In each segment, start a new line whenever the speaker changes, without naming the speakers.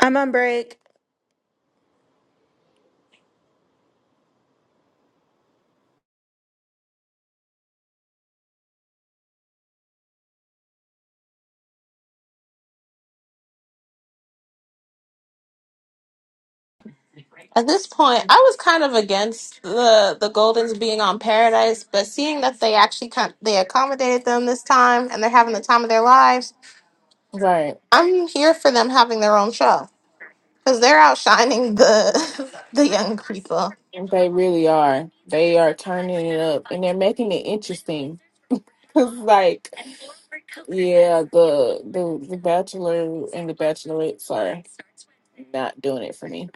I'm on break.
At this point, I was kind of against the the Goldens being on Paradise, but seeing that they actually con- they accommodated them this time and they're having the time of their lives,
Right.
I'm here for them having their own show because they're outshining the the young people.
They really are. They are turning it up and they're making it interesting. Cause like, yeah, the the the Bachelor and the Bachelorettes are not doing it for me.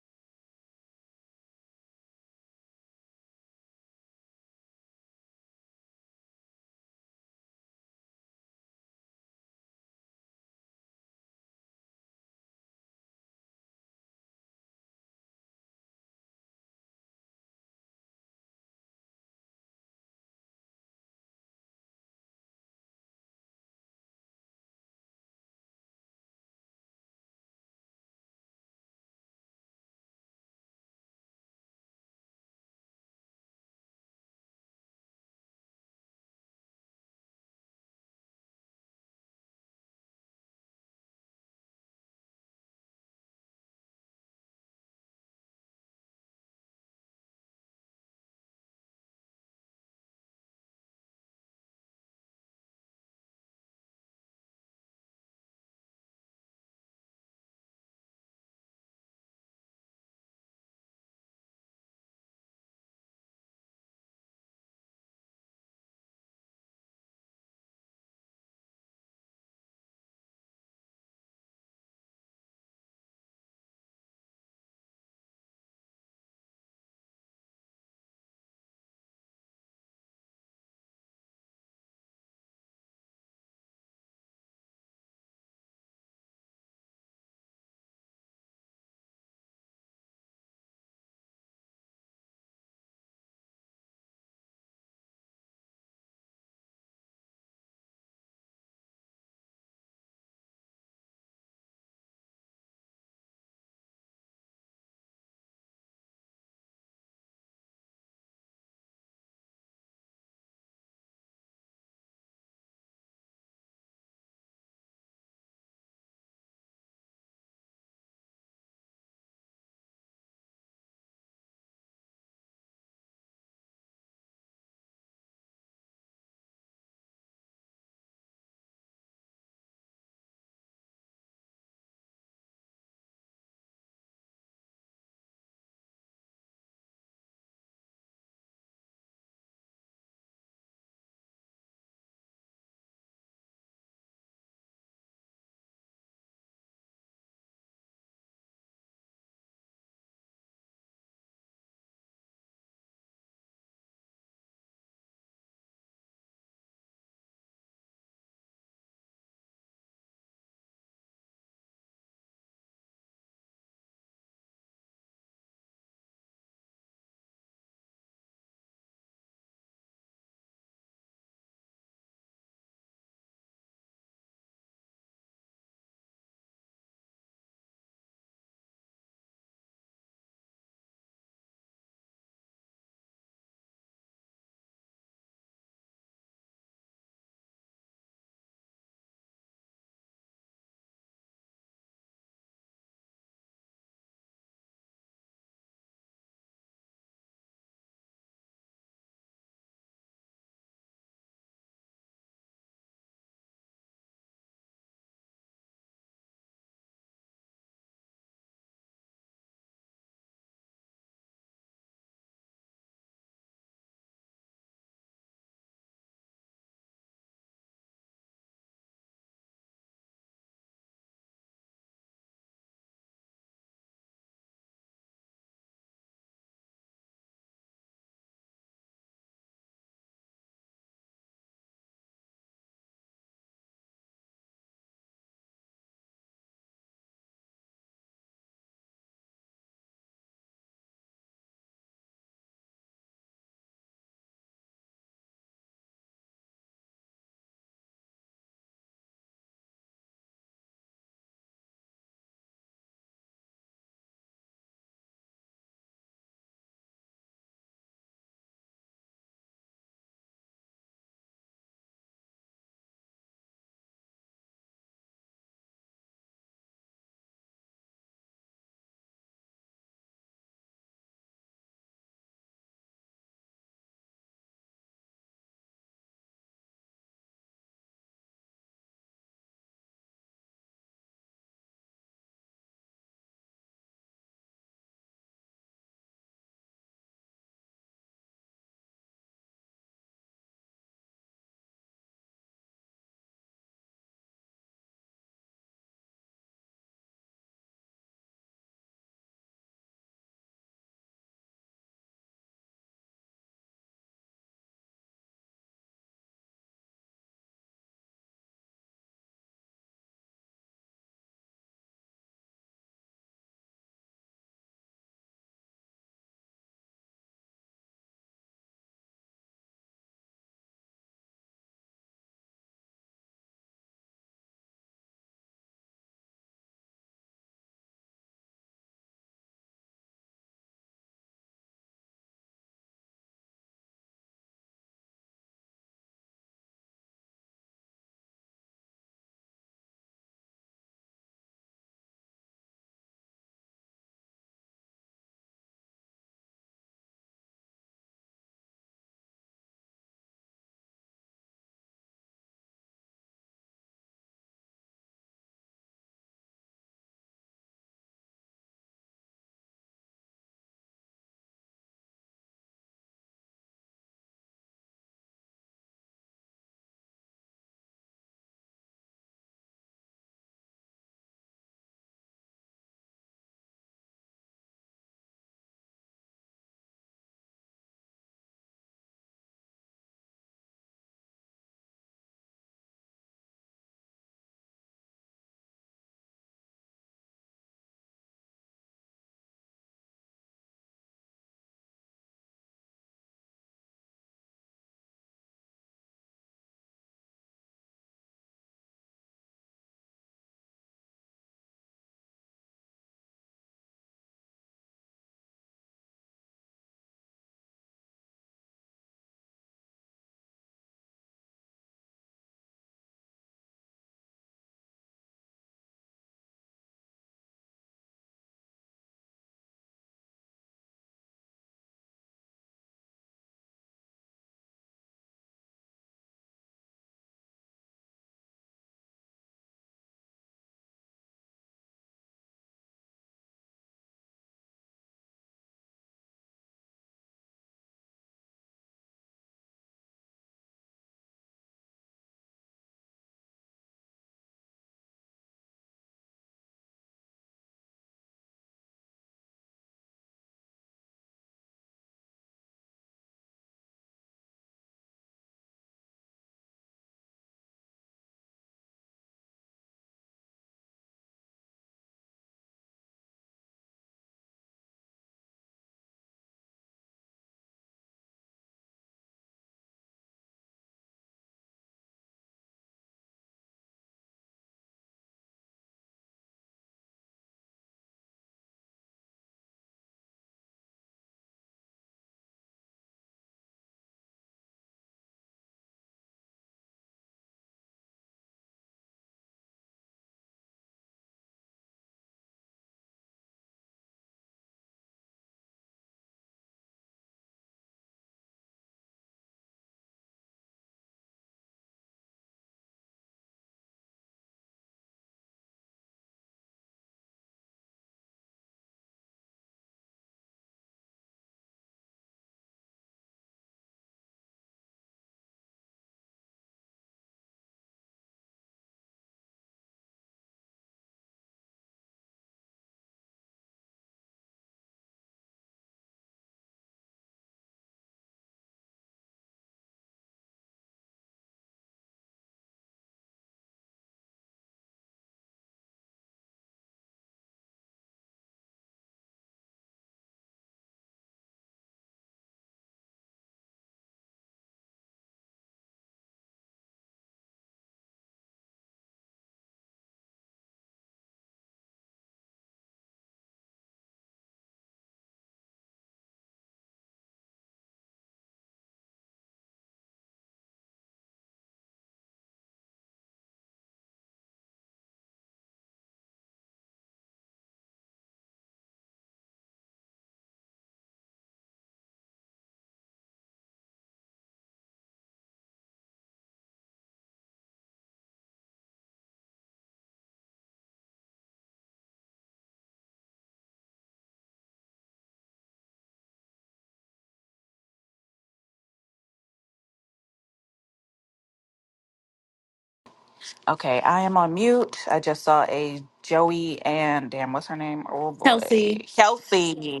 Okay, I am on mute. I just saw a Joey and damn, what's her name? Oh
Kelsey,
boy, Kelsey.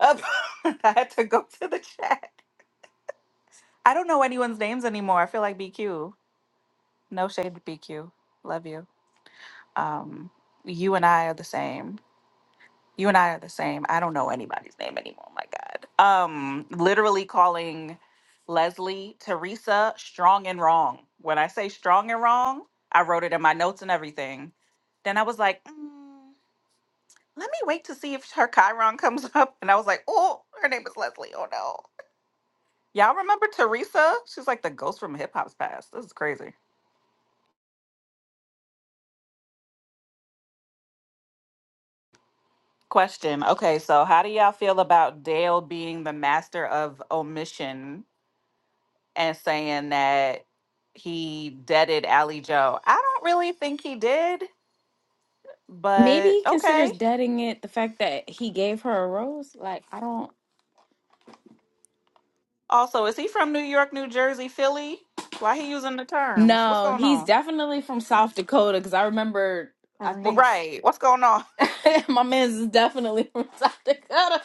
Up. I had to go to the chat. I don't know anyone's names anymore. I feel like BQ. No shade to BQ. Love you. Um, you and I are the same. You and I are the same. I don't know anybody's name anymore. My God. Um, literally calling Leslie Teresa strong and wrong. When I say strong and wrong, I wrote it in my notes and everything. Then I was like. Mm. Let me wait to see if her Chiron comes up. And I was like, oh, her name is Leslie. Oh no. Y'all remember Teresa? She's like the ghost from hip hop's past. This is crazy. Question. Okay, so how do y'all feel about Dale being the master of omission and saying that he deaded Ally Joe? I don't really think he did,
maybe
but
he
okay.
considers deading it the fact that he gave her a rose. Like, I don't.
Also, is he from New York, New Jersey, Philly? Why he using the terms? What's
No,
going
he's
on?
definitely from South Dakota because I remember. I
W-
think s-
Right. What's going on?
my man's is definitely from South Dakota.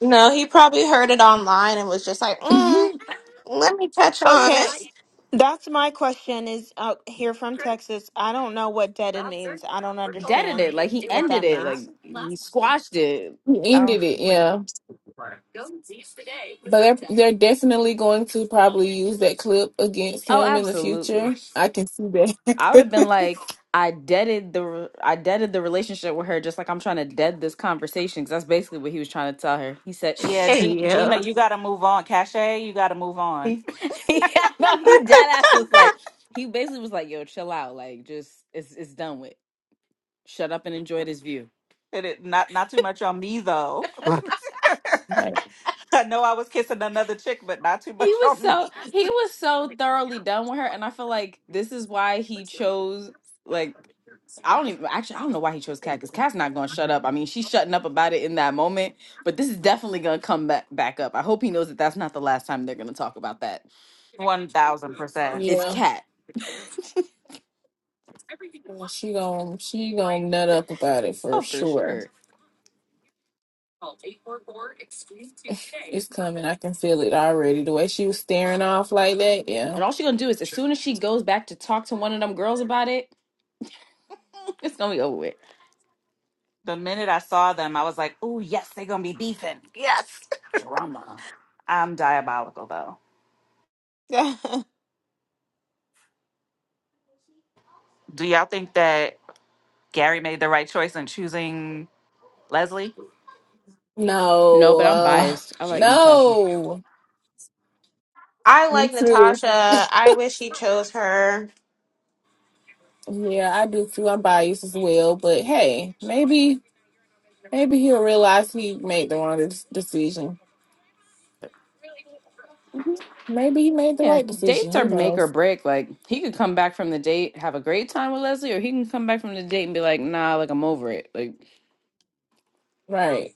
No, he probably heard it online and was just like, mm, "Let me touch on
Okay,
it."
that's my question is uh, here from Texas. I don't know what deaded means. I don't
Deaded it,
understand
like he
what
ended
that
it,
means.
like he squashed it.
He ended
Oh,
it, yeah. But they're they're definitely going to probably use that clip against
oh,
him in the
absolutely.
future. I can see
I would have been
that.
like, I deaded the, re- I deaded the relationship with her, just like I'm trying to dead this conversation because that's basically what he was trying to tell her. He said,
Yeah,
"Shh."
Hey,
G-
you.
Gina, you got to move on. Cache, you got to move on.
He, yeah, no, he dead ass was like, he basically was like, yo, chill out. Like, just, it's, it's done with. Shut up and enjoy this view.
And it, not not too much on me though.
Right.
I know I was kissing another chick, but not too
He
much
was
on
so,
me.
he was so thoroughly done with her. And I feel like this is why he chose, like, I don't even, actually, I don't know why he chose cat because cat's not going to shut up. I mean, she's shutting up about it in that moment, but this is definitely going to come back, back up. I hope he knows that that's not the last time they're going to talk about that.
One thousand percent.
It's
Yeah.
cat
Well, She gon' she gon' nut up about it for
Oh, for
sure.
sure.
It's coming. I can feel it already. The way she was staring off like that. Yeah.
And all she going to do is, as soon as she goes back to talk to one of them girls about it, It's gonna be over with.
The minute I saw them, I was like, "Ooh, yes, they're gonna be beefing." Yes,
Drama.
I'm diabolical though.
that's
Do y'all think that Gary made the right choice in choosing Leslie?
No,
No.
but I'm
Uh,
biased. I like Natasha.
no.
I
Me
like
too.
Natasha. I wish he chose her.
Yeah, I do too. I'm biased as well. But hey, maybe maybe he'll realize he made the wrong des- decision. Maybe he made the
Yeah,
right decision.
dates are
Who
make or
knows?
break. Like he could come back from the date, have a great time with Leslie, or he can come back from the date and be like, "Nah, like I'm over it." Like,
Right.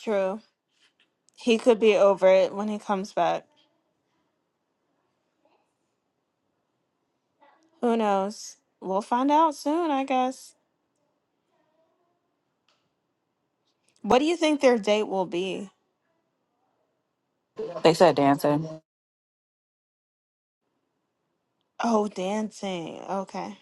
true. He could be over it when he comes back. Who knows? We'll find out soon, I guess. What do you think their date will be?
They said dancing.
Oh, dancing. Okay.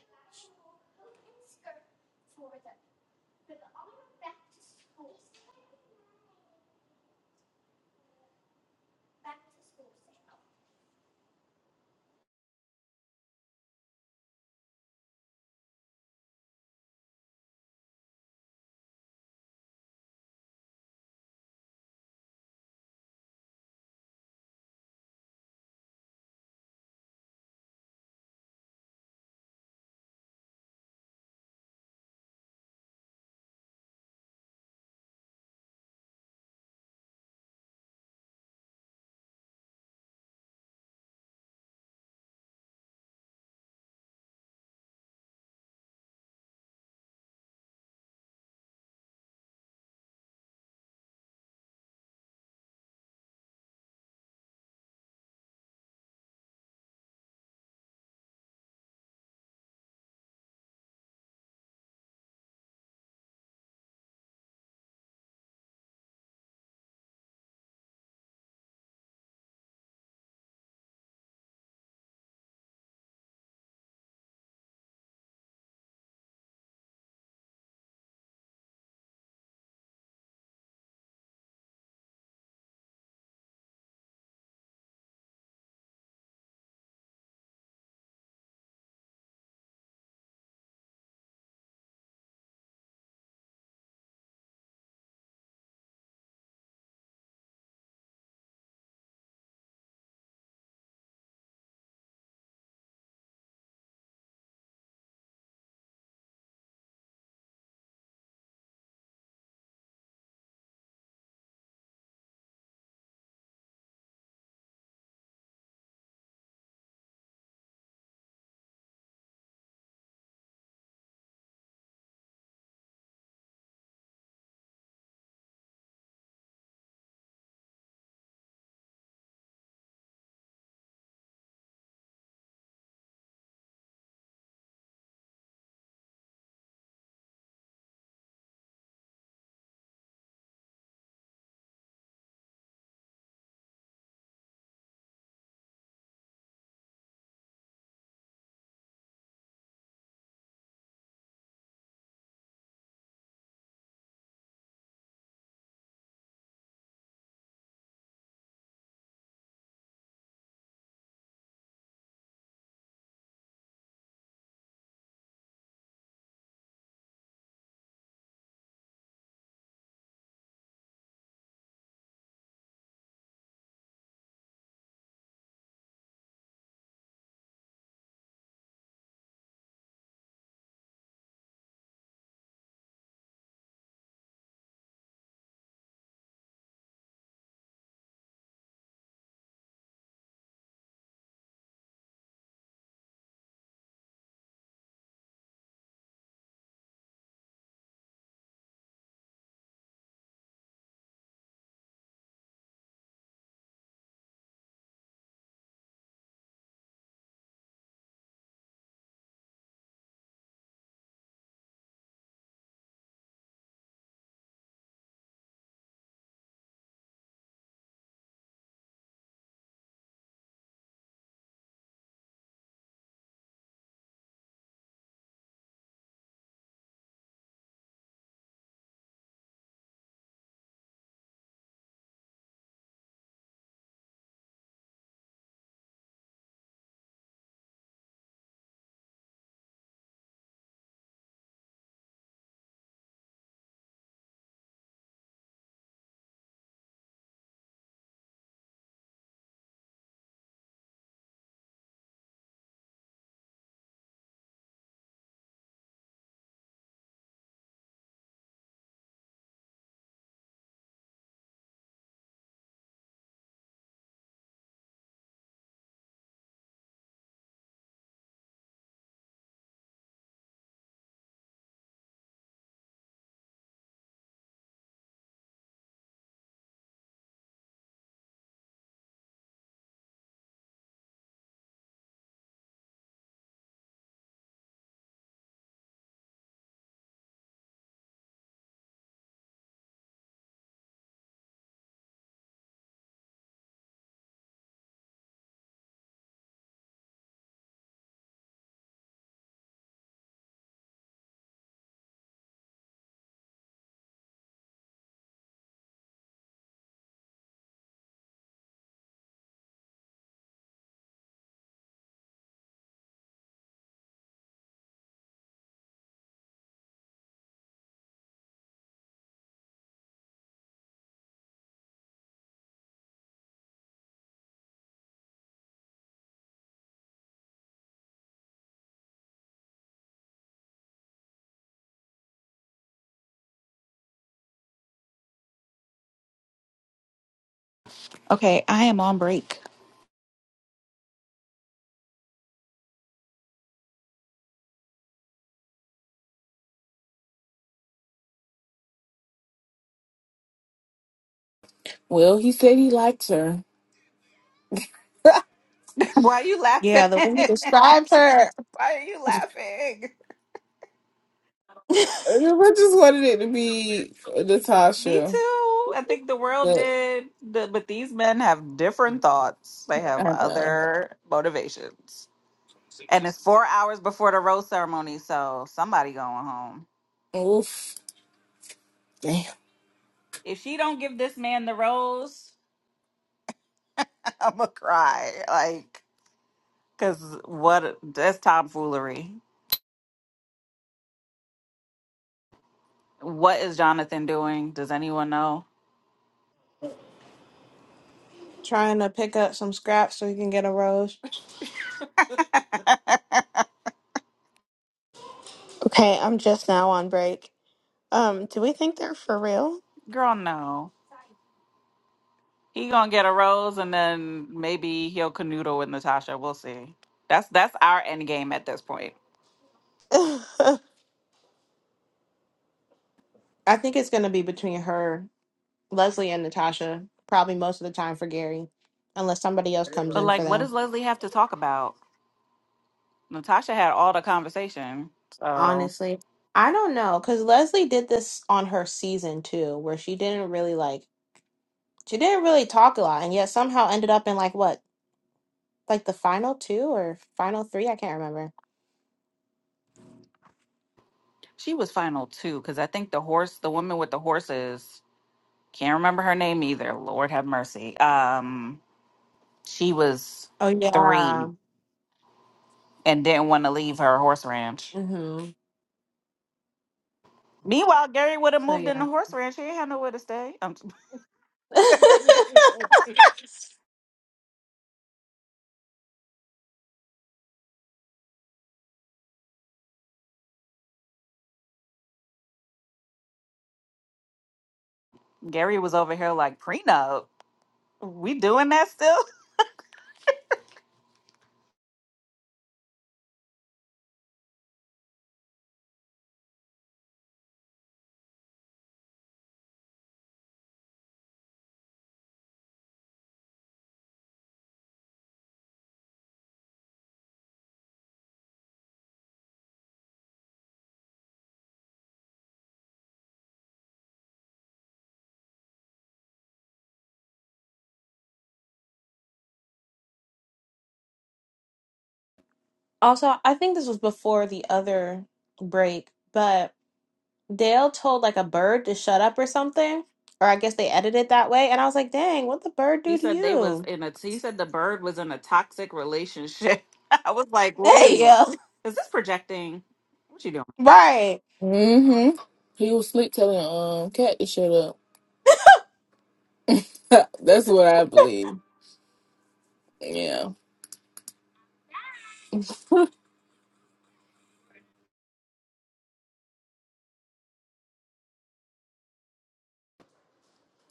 Okay, I am on break.
Well, he said he liked her. I
Why are you laughing?
Yeah, the way he describes her,
Why are you
just
laughing?
wanted it to be uh,
Me
Natasha,
too. I think the world
but
did, the, but these men have different thoughts. They have
I know.
other motivations, and it's four hours before the rose ceremony, so somebody going home.
Oof.
If she don't give this man the rose, I'm gonna cry. Like, cause what? That's tomfoolery. What is Jonathan doing? Does anyone know?
trying to pick up some scraps so he can get a rose.
Okay, I'm just now on break. Um, do we think they're for real?
Girl, no. He gonna get a rose, and then maybe he'll canoodle with Natasha. We'll see. That's that's our end game at this point.
I think it's going to be between her, Leslie, and Natasha, probably most of the time for Gary, unless somebody else comes
But
in
like,
for
what does
them.
Leslie have to talk about? Natasha had all the conversation, so
Honestly, I don't know because Leslie did this on her season too, where she didn't really like, she didn't really talk a lot, and yet somehow ended up in like what, like the final two or final three? I can't remember.
she was final too. Because I think the horse, the woman with the horses, can't remember her name either. Lord have mercy. Um, she was
Oh, yeah.
three and didn't want to leave her horse ranch.
Mm-hmm.
Meanwhile, Gary would have
So,
moved in the
yeah.
horse ranch. He ain't had nowhere to stay. Um, Gary was over here like prenup. We doing that still.
also, I think this was before the other break, but. Dale told like a bird to shut up or something, or I guess they edited it that way. And I was like, dang, what the bird
He
do to
said they was
you?
in a. He said the bird was in a toxic relationship. I was like,
Hey,
wait,
yo.
is this projecting? What you doing?
Right.
hmm He was sleep telling um cat to shut up. That's what I believe. Yeah.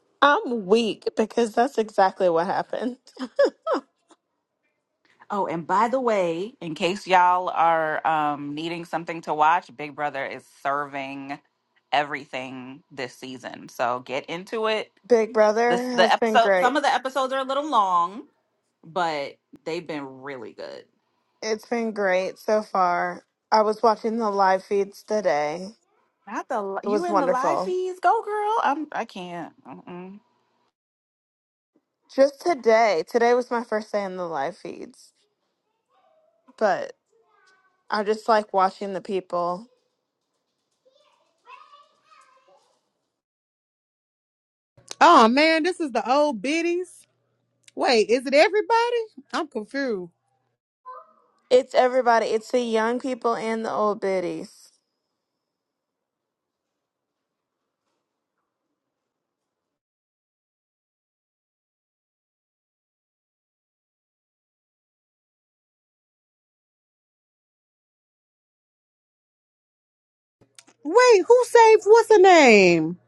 I'm weak because that's exactly what happened.
Oh, and by the way, in case y'all are um, needing something to watch, Big Brother is serving everything this season. So get into it.
Big Brother
This the
has been
episode.
great.
Some of the episodes are a little long, but they've been really good.
It's been great so far. I was watching the live feeds today.
Not the li-
It
you
was
in the live
wonderful.
feeds, go girl. I'm. I can't. Mm-mm.
Just today. Today was my first day in the live feeds, but I just like watching the people.
Oh man, this is the old biddies. Wait, is it everybody? I'm confused.
It's everybody. It's the young people and the old biddies.
Wait, who saved what's her name?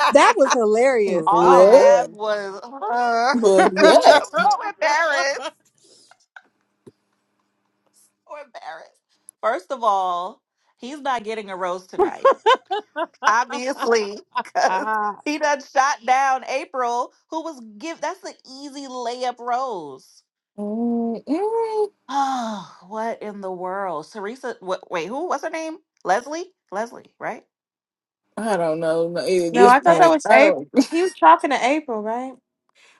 was hilarious.
All I
Oh
What
had
man.
was uh,
was that?
so embarrassed. So embarrassed. First of all, he's not getting a rose tonight, obviously, because
Ah.
he done shot down April, who was give. That's an easy layup rose.
Mm-mm.
Oh, what in the world, Teresa? What, wait, who? What's her name? Leslie. Leslie, right?
I don't know. No, At
No,
He,
this
I thought
that,
that
point,
was
I
April.
don't.
He was talking to April, right?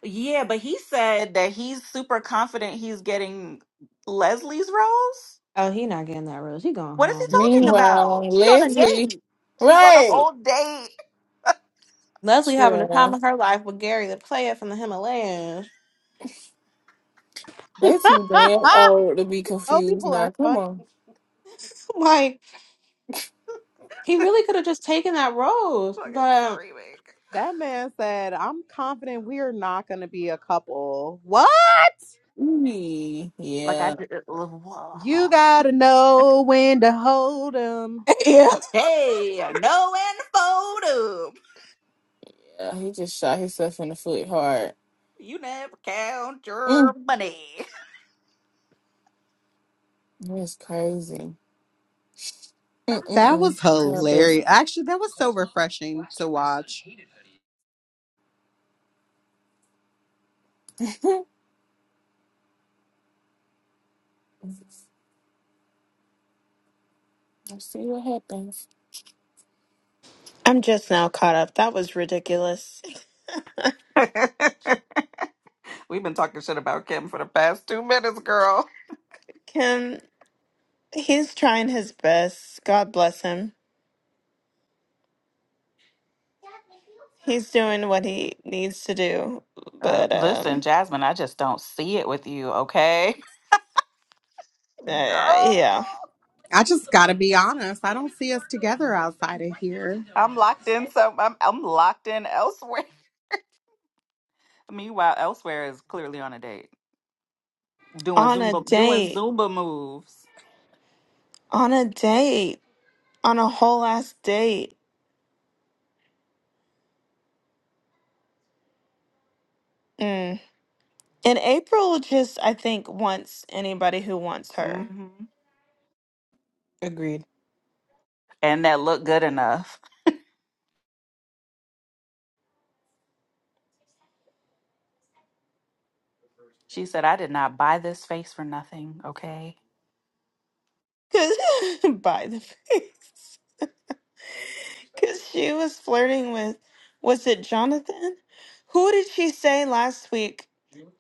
yeah, but he said that he's super confident he's getting Leslie's rose.
Oh, he not getting that rose. He going
What is he
home.
talking
Mhm.
about?
Meanwhile,
She on a
Leslie,
date. She's on a
right?
whole date.
Leslie having the time
Sure,
of her life with Gary, the player from the Himalayas.
they too damn old to be
oh,
confused
people
now.
are
Come
funny.
on.
Like he really could have just taken that rose,
Fucking
but
screaming.
That man said, I'm confident we're not going to be a couple. What?
Ooh,
Like I
yeah,
did. Whoa.
You got to know when to hold 'em.
Yeah.
Hey, no info.
yeah. He just shot himself in the foot hard.
You never count your
Mm,
money.
that's crazy.
That
Mm-mm-mm.
was
God bless. him.
hilarious. Actually, that was so refreshing to watch.
Let's see what happens.
I'm just now caught up. That was ridiculous.
We've been talking shit about Kim for the past two minutes, girl.
Kim, he's trying his best. God bless him. He's doing what he needs to do,
Uh,
but
listen,
um,
Jasmine, I just don't see it with you, okay?
uh,
Girl,
yeah.
I just gotta be honest. I don't see us together outside of here.
I'm locked in. Some, I'm, I'm locked in elsewhere. Meanwhile, elsewhere is clearly on a date. doing
On a
Zumba doing
date.
Zumba moves.
On a date. On a whole ass date. Mm. And April just, I think, wants anybody who wants her.
hmm
agreed.
And that looked good enough. She said, I did not buy this face for nothing. Okay.
Cause by the face. Cause she was flirting with was it Jonathan? Who did she say last week?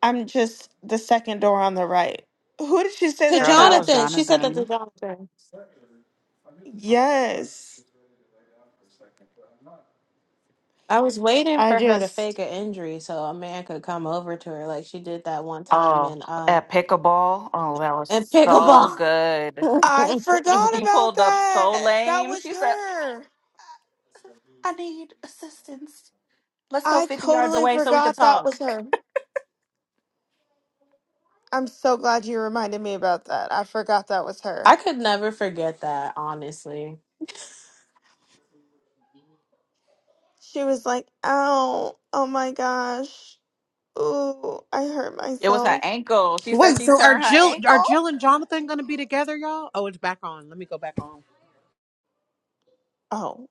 I'm just the second door on the right. Who did she say
To
that
Girl,
to
that was
last
Jonathan,
week?
she said that to
Jonathan.
Jonathan.
Yes.
I was waiting
I
for her to fake
just
an injury so a man could come over to her like she did that one time
Oh,
in um
at pickleball. Oh, that
in
was so
pickleball.
good.
I forgot
She
about
pulled up so
that. That
lame.
was
She said,
her.
I need assistance. Let's go
I
50 yards
totally
away so we could
forgot that
talk.
was her. I'm so glad you reminded me about that. I forgot that was her.
I could never forget that, honestly.
She was like, ow, oh my gosh, ooh, I hurt
It was her
myself.
ankle. She said
Wait,
she
so are
turned her
Jill are
ankle.
Jill and Jonathan gonna be together, y'all? Oh, it's back on. Let me go back on.
Oh,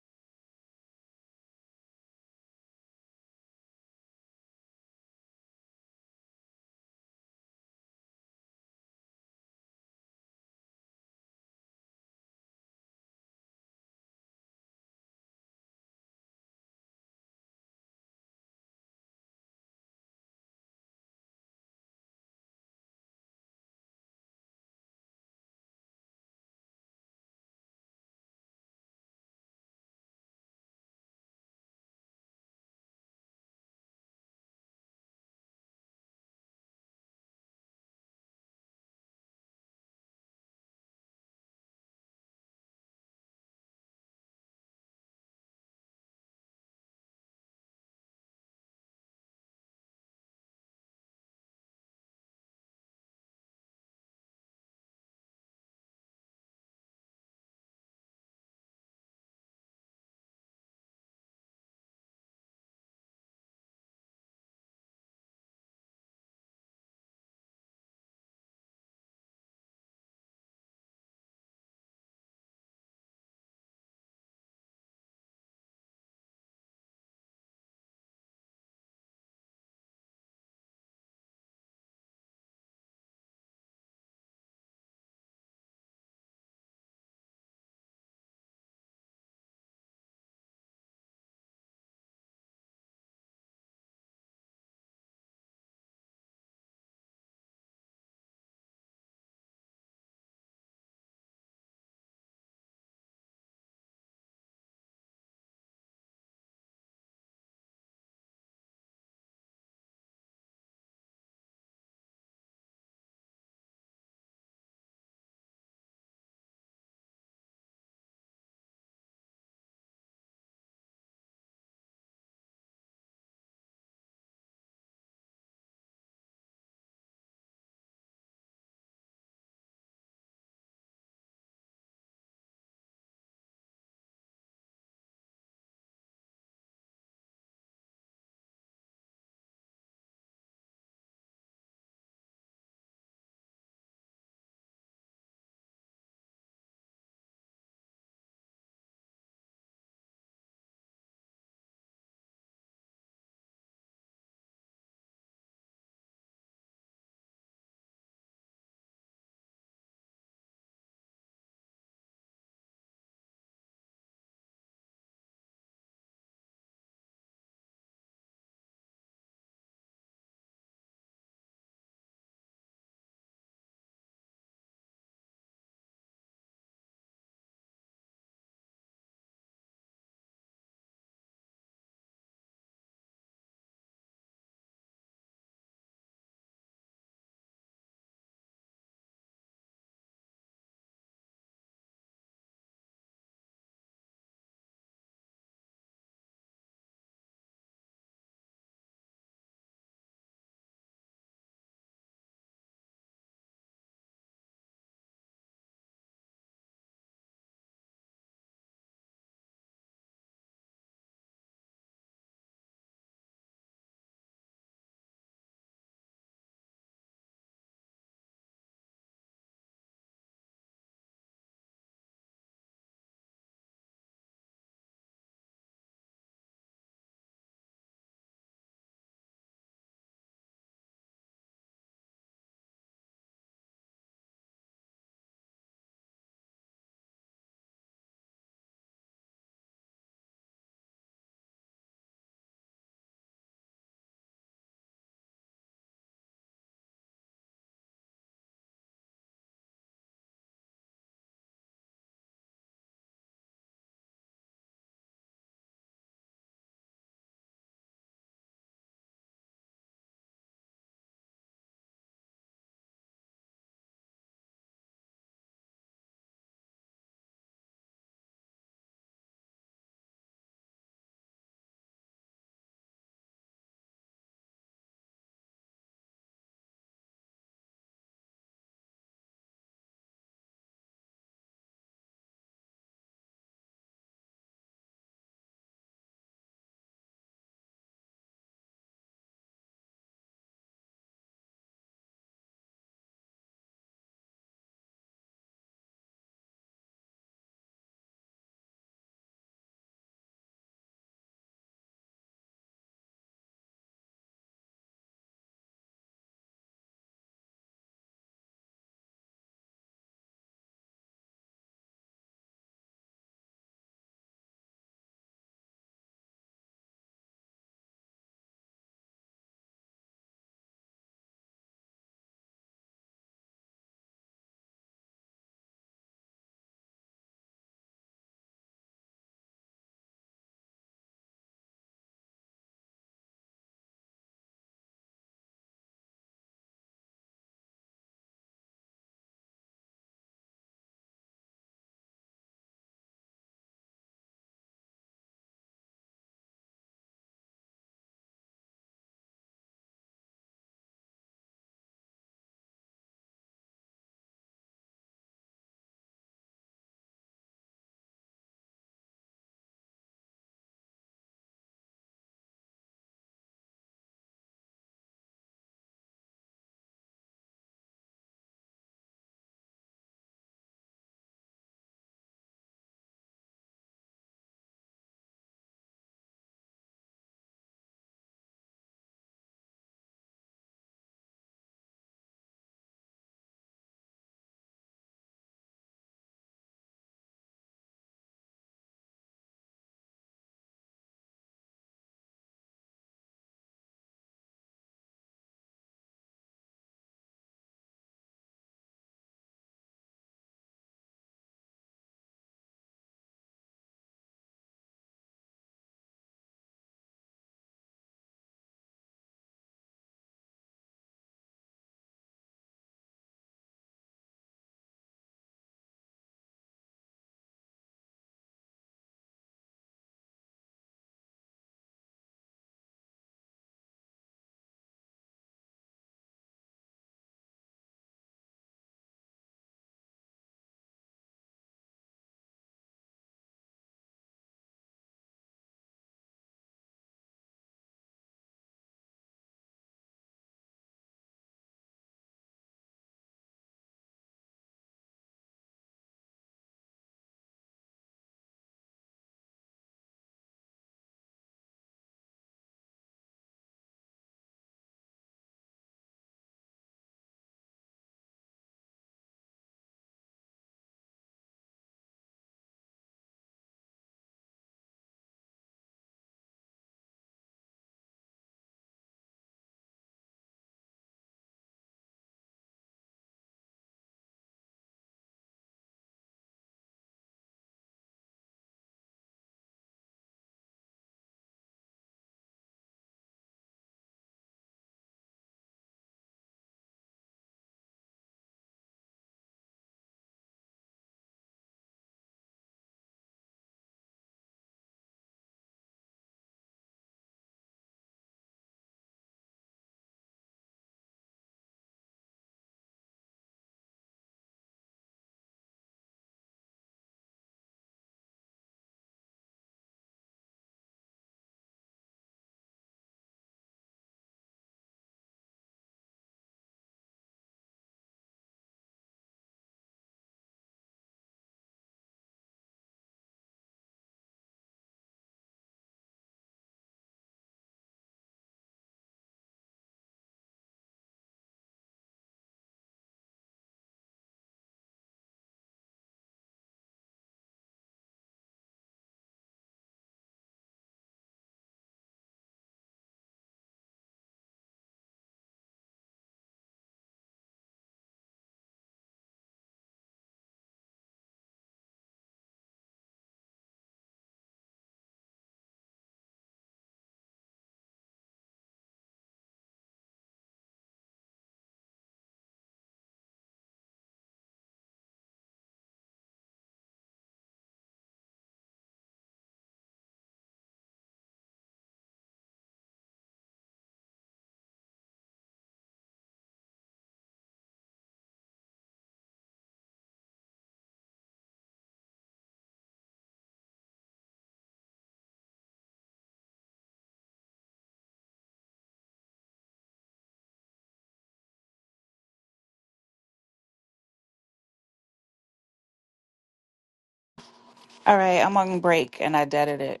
All right, I'm on break and I deaded it.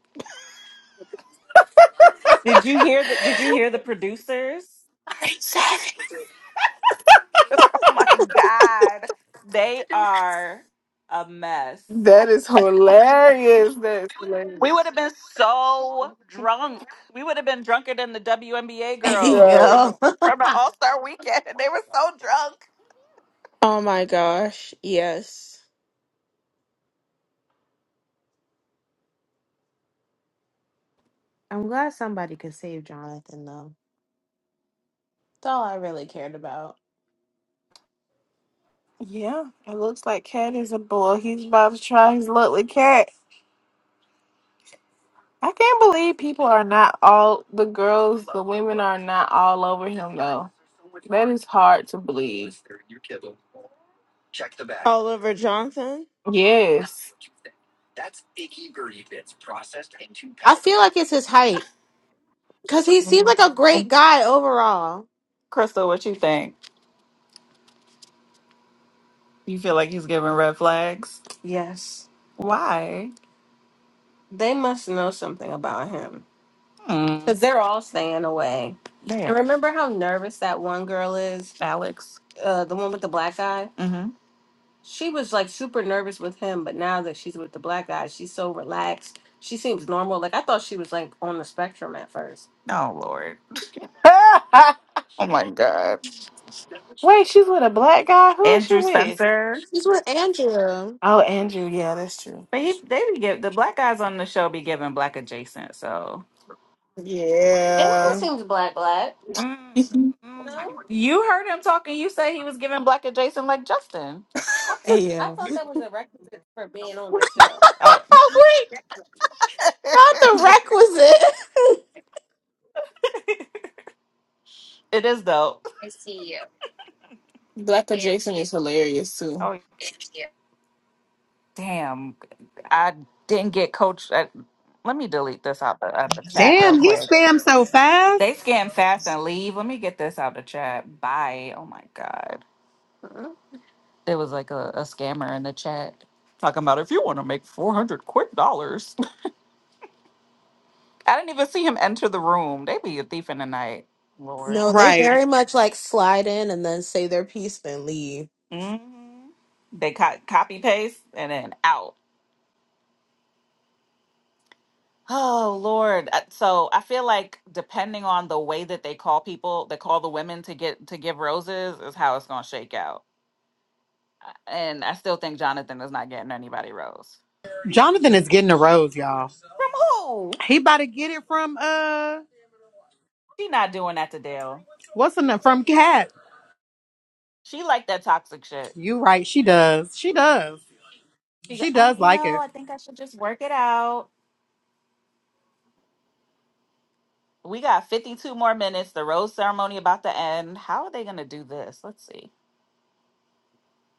Did you hear the did you hear the producers? Oh my God. They are a mess.
That is hilarious. That's
We would
hilarious.
have been so drunk. We would have been drunker than the WNBA girls
Right.
from the
Yo.
from the All Star weekend. They were so drunk.
oh my gosh, yes.
I'm glad somebody could save Jonathan though. That's all I really cared about.
Yeah, it looks like Cat is a bull. He's about to try his luck with Cat. I can't believe people are not all the girls, the women are not all over him though. That is hard to believe.
Oliver Johnson?
Yes.
I feel like it's his height because he seems like a great guy overall.
Crystal, what you think? You feel like he's giving red flags? Yes. Why? They must know something about him. Hmm. Because they're all staying away. They And are remember how nervous that one girl is? Alex. Uh, the one with the black eye? She was like super nervous with him, but now that she's with the black guy, she's so relaxed. She seems normal. Like I thought she was like on the spectrum at first. Oh Lord. Oh my God.
Wait, she's with a black guy. Who is she
Andrew
with?
Spencer.
He's with Andrew.
Oh, Andrew. Yeah, that's true.
But
That's
he
true.
they be give the black guys on the show be giving black adjacent, so Andrew
Yeah.
seems black black. Mm, mm. No, you heard him talking. You say he was giving black adjacent like Justin. I thought I
Yeah.
thought that was a requisite for being on the show. Oh,
Oh, Wait, not the requisite.
it is though.
Black adjacent is hilarious too.
Damn, I didn't get coach. Uh, let me delete this out the, out the chat real
Damn, he
quick.
spammed so fast.
They scan fast and leave. Let me get this out the chat. Bye. Oh my god, there was like a, a scammer in the chat talking about if you want to make four hundred quick dollars. I didn't even see him enter the room. They be a thief in the night, Lord.
no, they
Right.
very much like slide in and then say their piece, then leave.
hmm They co- copy paste and then out. Oh Lord. Uh, So I feel like depending on the way that they call people, they call the women to get to give roses is how it's gonna shake out. Uh, And I still think Jonathan is not getting anybody rose.
Jonathan is getting a rose, y'all.
From who?
He about to get it from uh
She not doing that to Dale.
what's the name? From Kat.
She like that toxic shit.
You right, she does. She does.
She go,
She
um,
does
you
like
know,
it.
I think I should just work it out. We got 52 more minutes. The rose ceremony about to end. How are they gonna do this? Let's see.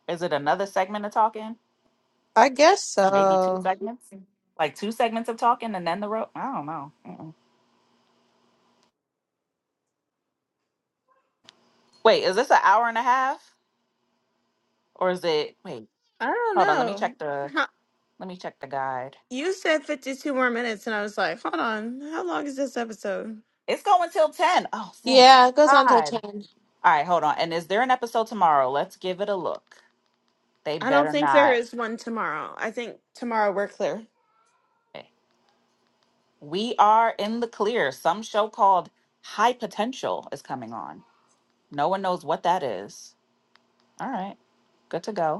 Is it another segment of talking?
I guess
Maybe two
so.
segments? Like two segments of talking and then the rose? I don't know. Mm-mm. Wait, is this an hour and a half? Or is it wait,
I don't
hold on, let me
know.
check the
Huh,
let me check the guide.
You said 52 more minutes, and I was like, hold on, how long is this episode?
It's going till ten. Oh thank
Yeah, it goes on till
God.
10.
All right, hold on. And is there an episode tomorrow? Let's give it a look. They
I don't
better
think there
not.
is one tomorrow. I think tomorrow we're clear.
Okay. We are in the clear. Some show called High Potential is coming on. No one knows what that is. All right. Good to go.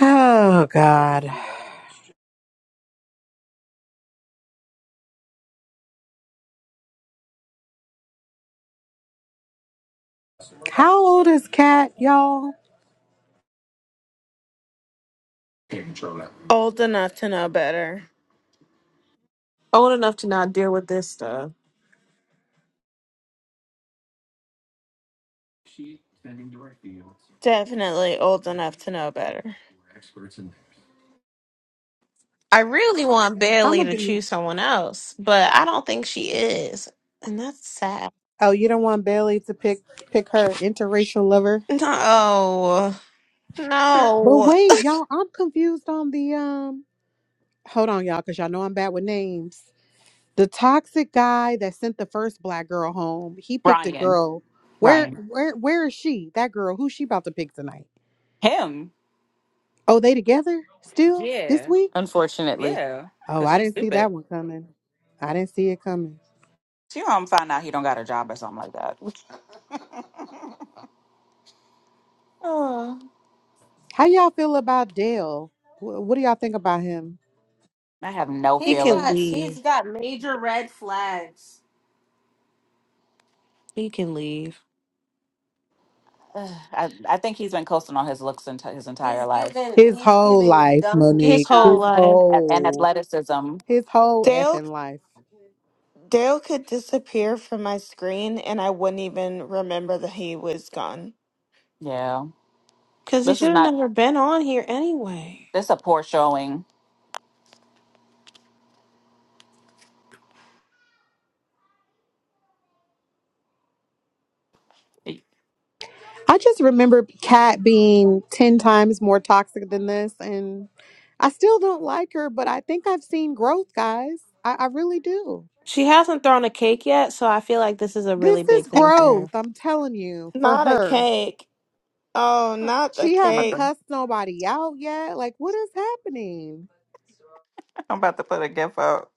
Oh God. How old is Kat, y'all?
Old enough to know better.
Old enough to not deal with this stuff.
Definitely old enough to know better.
I really want Bailey
I'ma
to
be
choose someone else, but I don't think she is. And that's sad.
Oh, you don't want Bailey to pick pick her interracial lover?
No.
But
No.
wait, y'all, I'm confused on the um hold on, y'all, because y'all know I'm bad with names. The toxic guy that sent the first black girl home, he picked a
Brian.
girl. Where
Brian.
where where is she? That girl, who's she about to pick tonight?
Him.
Oh, they together still this
Yeah.
week?
unfortunately.
Yeah.
Oh,
Cause
I
she's
didn't see
stupid.
that one coming. I didn't see it coming.
She gonna find out he don't got a job or something like that.
How y'all feel about Dale? Wh- What do y'all think about him?
I have no He's
He can
got feelings.
leave.
he's got major red flags.
He can leave.
Ugh, I I think he's been coasting on his looks enti his entire He's life giving
His
he's
whole
giving
life,
dumb Yeah.
His
Monique.
whole
down.
His
life.
A- and
whole
athleticism.
his whole
Dale
effing life.
Dale could disappear from my screen and I wouldn't even remember that he was gone.
Yeah,
Because he
this is
should have
not
never been on here anyway.
this is a poor showing. I'm
I just remember Kat being 10 times more toxic than this. And I still don't like her, but I think I've seen growth, guys. I, I really do.
She hasn't thrown a cake yet, so I feel like this is a really
This is
big thing for
growth,
her.
I'm telling you, for
Not a
her.
cake. Oh, not the
She
about
hasn't
cake.
to,
cussed nobody out yet. Like, what is happening?
I'm about to put a gif up.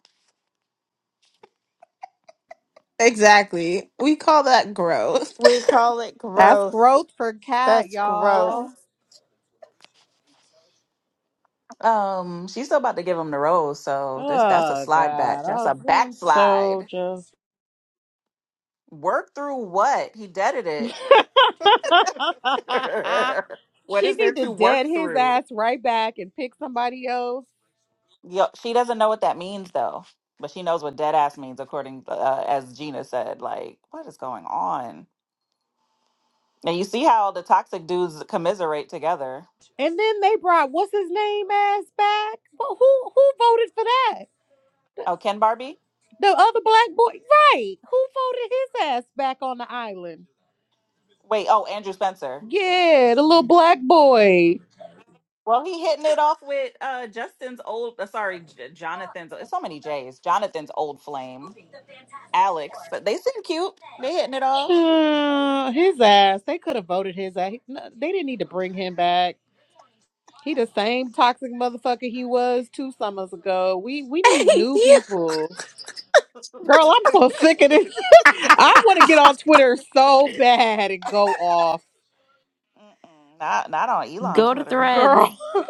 Exactly. We call that growth.
We call it
That's
growth.
growth for Kat,
That's growth.
y'all.
Gross. Um, she's still about to give him the rose, so this that's a
Oh
slide back.
God,
That's
I was
a
I'm so
backslide.
just.
Work through what he deaded it. what
She
is there
need to
to work
dead his
through?
ass right back and pick somebody else
Yo, she doesn't know what that means though, but she knows what dead ass means, according uh, as Gina said. Like, what is going on? And you see how the toxic dudes commiserate together.
And then they brought what's his name ass back. Well, who who voted for that?
Oh, Ken Barbie?
The other black boy, right? Who voted his ass back on the island?
Wait, oh Andrew Spencer.
Yeah, the little black boy.
Well, he hitting it off with uh Justin's old, uh, sorry, J- Jonathan's. It's so many J's. Jonathan's old flame, Alex. But they seem cute. They hitting it off.
Uh, his ass. They could have voted his ass. He- no, They didn't need to bring him back. He the same toxic motherfucker he was two summers ago. We we need new
yeah.
people. Girl, I'm so sick of this. I want to get on Twitter so bad and go off.
Mm-mm, not not on Elon
Go to
Twitter.
Threads.
Girl.
Mm-mm.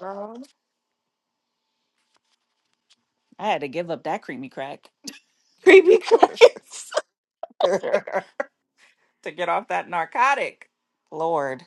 Girl. I had to give up that creamy crack.
Creepy cookies.
to get off that narcotic. Lord.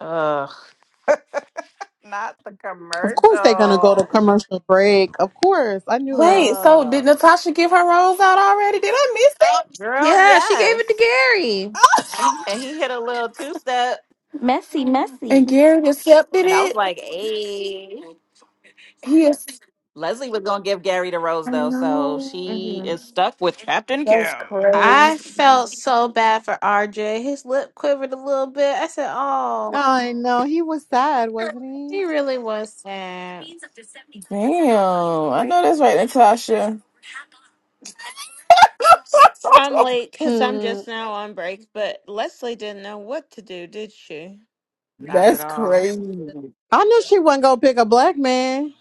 Ugh. Not the
Of course they're gonna go to
commercial.
commercial break. Of course, I knew
Wait,
it.
so did
Ugh.
Natasha give her rose out already? Did I miss
Girl,
Yeah, she gave it
yes.
to Gary.
And he hit a little two step.
that? and Gary accepted
And I was
it.
like, hey.
He is.
Leslie was going to give Gary the rose,
I
though. So she
hmm
is
know.
stuck with Captain
That's
Kim.
I
crazy.
felt so bad for RJ. His lip quivered a little bit. I said, oh,
I know he was sad, wasn't he?
he really was sad.
Damn, I know that's right, Natasha.
I'm late because I'm
Hmm.
just now on break, but Leslie didn't know what to do, did she?
Not at
That's
all.
crazy.
I knew she wasn't gonna pick a black man.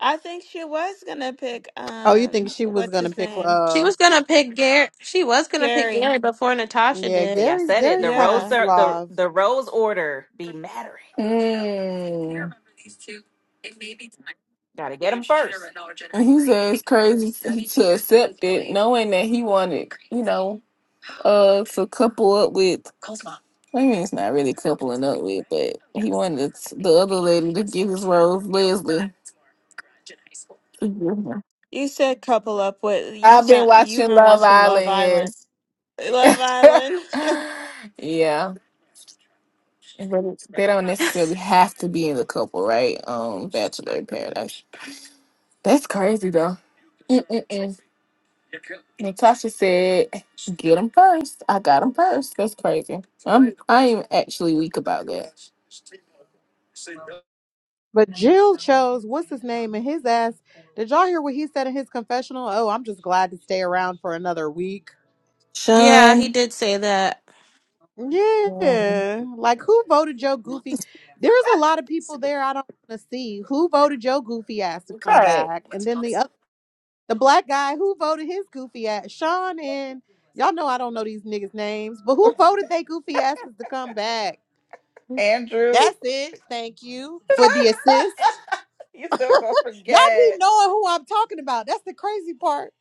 I think she was gonna pick
Oh, you think
um
she was
what's
gonna
his
pick?
name?
She
Uh,
was going to pick Gary. She was going to pick
Gary.
Gary before Natasha
yeah,
did.
See, I
Gary.
said it.
Gary
The
kind of
rose,
Yeah.
cer- the,
suave,
the rose order be mattering.
Mm.
Got to get him first.
And he says crazy to accept it, knowing that he wanted, you know, uh, to couple up with I mean, it's not really coupling up with, but he wanted t- the other lady to get his rose, Leslie.
You said couple up with you
I've been
sound you've
watching
been
Love
watching Love
Island,
Island.
yes.
Love Island.
yeah. But it's- they don't necessarily have to be in the couple, right? Um, Bachelor in Paradise. That's crazy, though. Mm-mm-mm. Natasha said, "Get him first. I got him first. That's crazy. I'm I am actually weak about that."
but Jill chose what's his name and his ass. Did y'all hear what he said in his confessional? Oh, I'm just glad to stay around for another week.
Yeah,
Sean.
he did say that.
Yeah.
Yeah, like who voted Joe Goofy? There's a lot of people there I don't want to see. Who voted Joe Goofy ass to come
Right.
back? And then the other. The black guy who voted his goofy ass, Sean and y'all know I don't know these niggas' names, but who voted they goofy asses to come back?
Andrew,
That's it. Thank you for the assist.
you still going to
Y'all be
forget.
knowing who I'm talking about. That's the crazy part.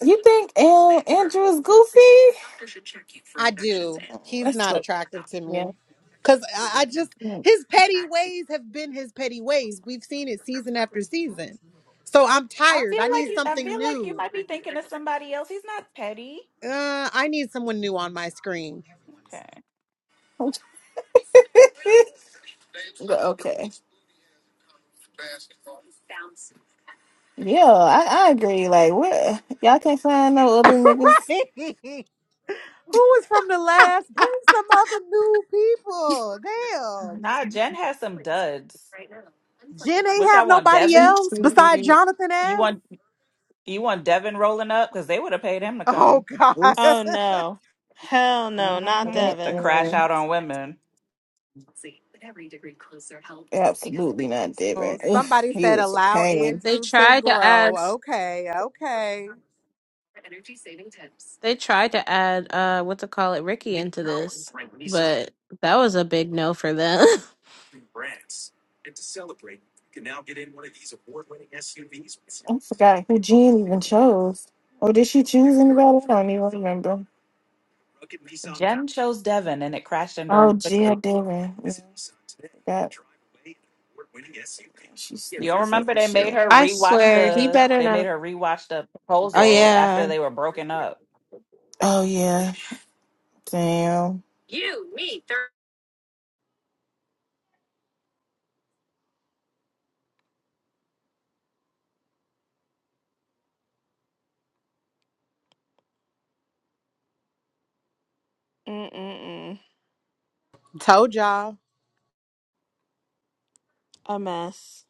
You think uh, Andrew is goofy?
I do.
Oh,
He's
That's
not
what,
attractive to
yeah.
me. Cause I, I just
Mm.
his petty ways have been his petty ways. We've seen it season after season. So I'm
I
tired.
feel
I
like
need
you. I
something
feel like you
new.
might be thinking of somebody else. He's not petty.
Uh, I need someone new on my screen.
Okay.
But okay. Yeah, I, I agree. Like, what? Y'all can't find no other
Right.
niggas.
Who was from the last? Bring some other new people. Damn.
Nah, Jen has some duds.
Jen ain't
Which I
have
want
nobody
She
Devin.
else besides
too.
Jonathan
You
S.
want you want Devin rolling up because they would have paid him to
Oh
come
God.
Oh
Oops.
no. Hell no, not
hmm to
Devin.
crash
Mm-mm.
out on women.
Absolutely not,
Oh,
Devin. Ugh,
somebody
he
said
was a
allow
pain.
They
Andrew to
tried to add
grow. Okay, okay.
they tried to add uh what to call it Ricky into this, but that was a big no for them.
can now get in one of these award-winning S U Vs. I forgot who Jean even chose. Or did she choose anybody? I don't even remember.
Jen chose Devin, and it crashed and
Oh,
burned
Gia
quickly.
Dillon. Yeah, forgot. She's
You don't
stupid for
remember
that
they made
shit.
her
I
rewatch
swear he
the
better
they made
not.
her rewatch the
Oh
proposal after
yeah.
they were broken up.
Oh, yeah. Damn.
Mm-mm-mm.
Told y'all.
A mess.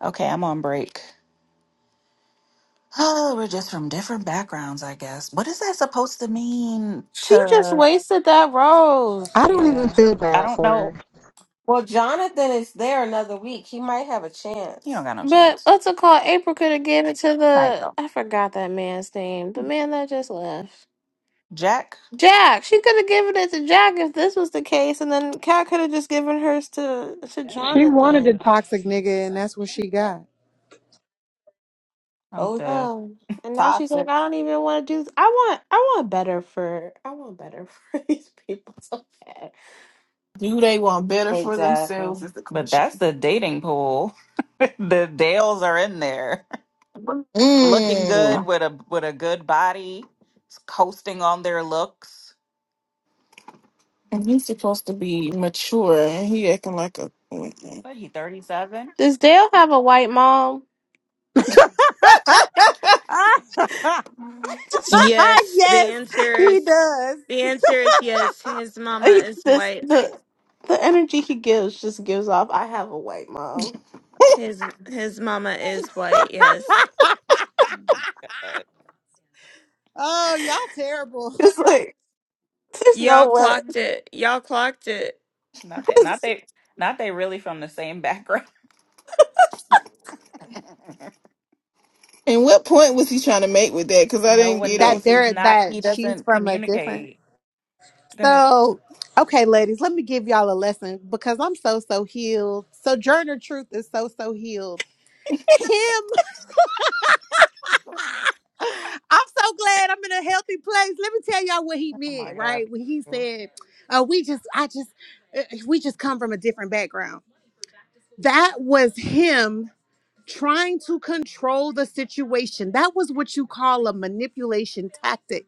Okay, I'm on break. Oh, we're just from different backgrounds, I guess. What is that supposed to mean
She just
to?
wasted that
I
rose.
don't even
Yeah.
feel
I
bad
don't
for
know.
her.
Well, Jonathan is there another week. He might have a He don't chance. got no
But
chance.
what's it called? April could have given it to
Like
the
though.
I forgot that man's name. The man that just left.
Jack?
Jack. She could have given it to Jack if this was the case, and then Kat could have just given hers to to
She wanted
Jonathan.
a toxic nigga and that's what she got.
I'm Oh, yeah. dead.
Um, and now she's like,
Toxic.
I don't even want to do. This. I want, I want better for, I want better for these people so bad.
Do they want better for themselves
Exactly.
is the
But that's
question.
the dating pool. the Dales are in there. Looking good
Mm.
with a with a good body, coasting on their looks.
And he's supposed to be mature, and he acting like a.
What he 37?
Does Dale have a white mom? just
Yes, the
yes,
answer
he
is
does.
the answer is yes. His mama
like,
is
this,
white.
the, the energy he gives just gives off. I have a white mom.
His his mama is white. Yes,
Uh,
Oh, y'all terrible.
It's like there's
y'all
no way.
clocked it. Y'all clocked it.
not that not
'Cause-
they not they really from the same background.
and what point was he trying to make with that? Because I
No
didn't
one
get
knows
That
it.
he's
there
not. He
that she's
doesn't
from a different
communicate. Go ahead.
so okay, ladies, let me give y'all a lesson because I'm so so healed. Sojourner Truth is so so healed. Him, I'm so glad I'm in a healthy place. Let me tell y'all what he
Oh my
meant,
God.
right? When he said, uh, we just I just uh, we just come from a different background. That was him trying to control the situation. That was what you call a manipulation tactic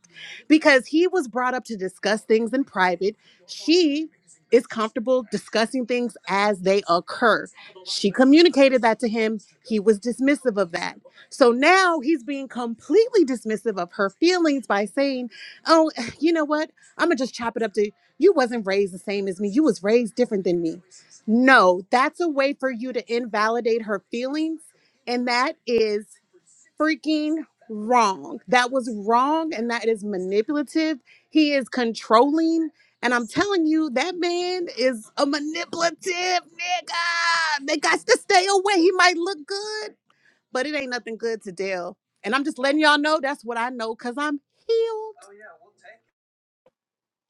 because he was brought up to discuss things in private. She is comfortable discussing things as they occur. She communicated that to him. He was dismissive of that. So now he's being completely dismissive of her feelings by saying, "Oh, you know what? I'm going to just chop it up to you wasn't raised the same as me. You was raised different than me." No, that's a way for you to invalidate her feelings. And that is freaking wrong. That was wrong. And that is manipulative. He is controlling. And I'm telling you, that man is a manipulative nigga. They got to stay away. He might look good, but it ain't nothing good to Dell. And I'm just letting y'all know that's what I know because I'm healed.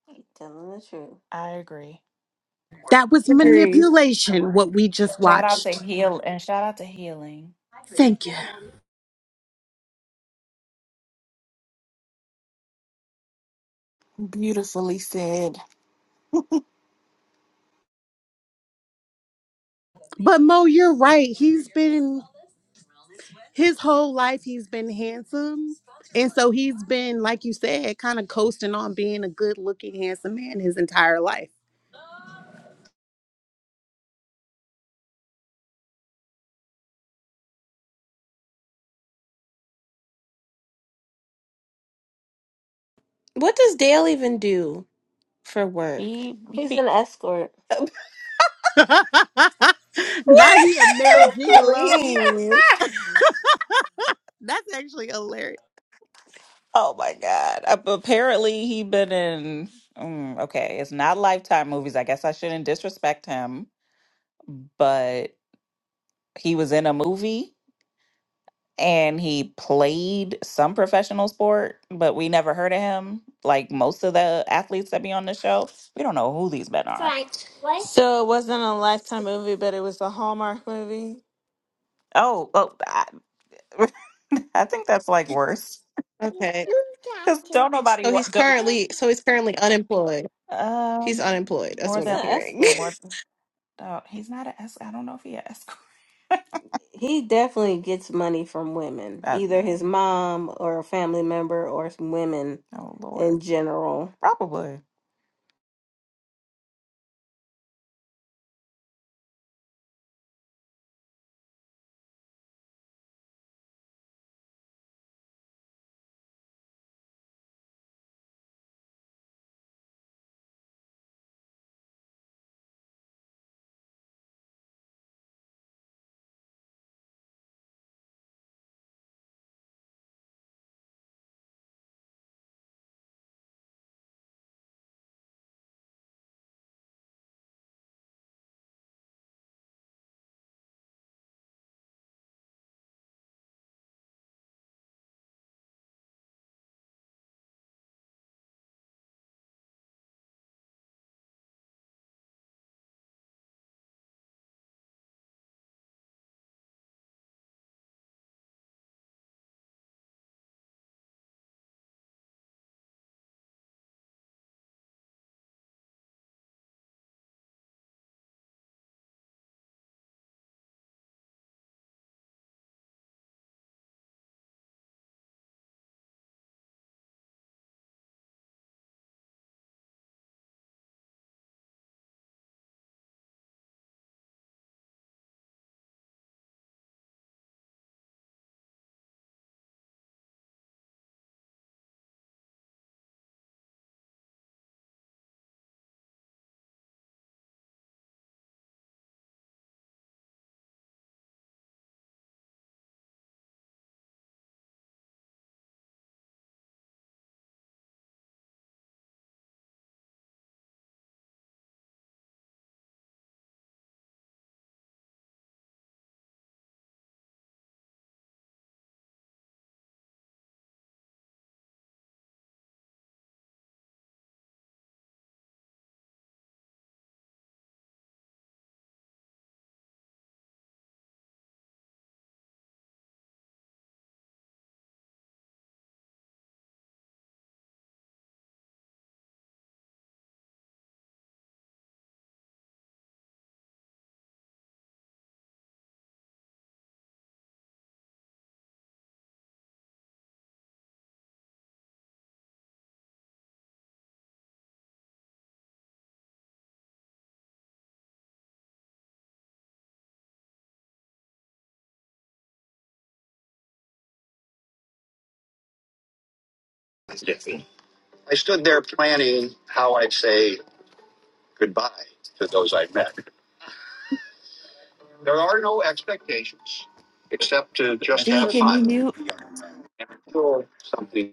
He telling the truth. I agree.
That was
And
Agree.
manipulation, what we just
shout out to
watched.
heal and shout out to healing.
Thank you.
Beautifully said.
But Mo, you're right. He's been his whole life he's been handsome and so he's been like you said kind of coasting on being a good looking handsome man his entire life
What does Dale even do for work?
He, He's he an escort.
now he a male
so
gigolo
please.
that's actually hilarious
Oh my God. Ap- Apparently he been in. mm, okay, it's not Lifetime movies. I guess I shouldn't disrespect him, but he was in a movie. and he played some professional sport, but we never heard of him. Like most of the athletes that be on the show, we don't know who these men are.
Frank, what? So it wasn't a Lifetime movie, but it was a Hallmark movie.
Oh, well, I, I think that's like worse
okay,
because don't nobody
so he's
want don't,
currently, so he's currently unemployed. He's
um
unemployed.
more
That's
He's
what I'm
than an
hearing.
escort. more. Oh, he's not an escort. I don't know if he an escort. He definitely gets money from women, Uh, either his mom or a family member or some women oh Lord, in general. probably.
I stood there planning how I'd say goodbye to those I met. There are no expectations except to just
D,
have
can
fun
you mute?
and feel something.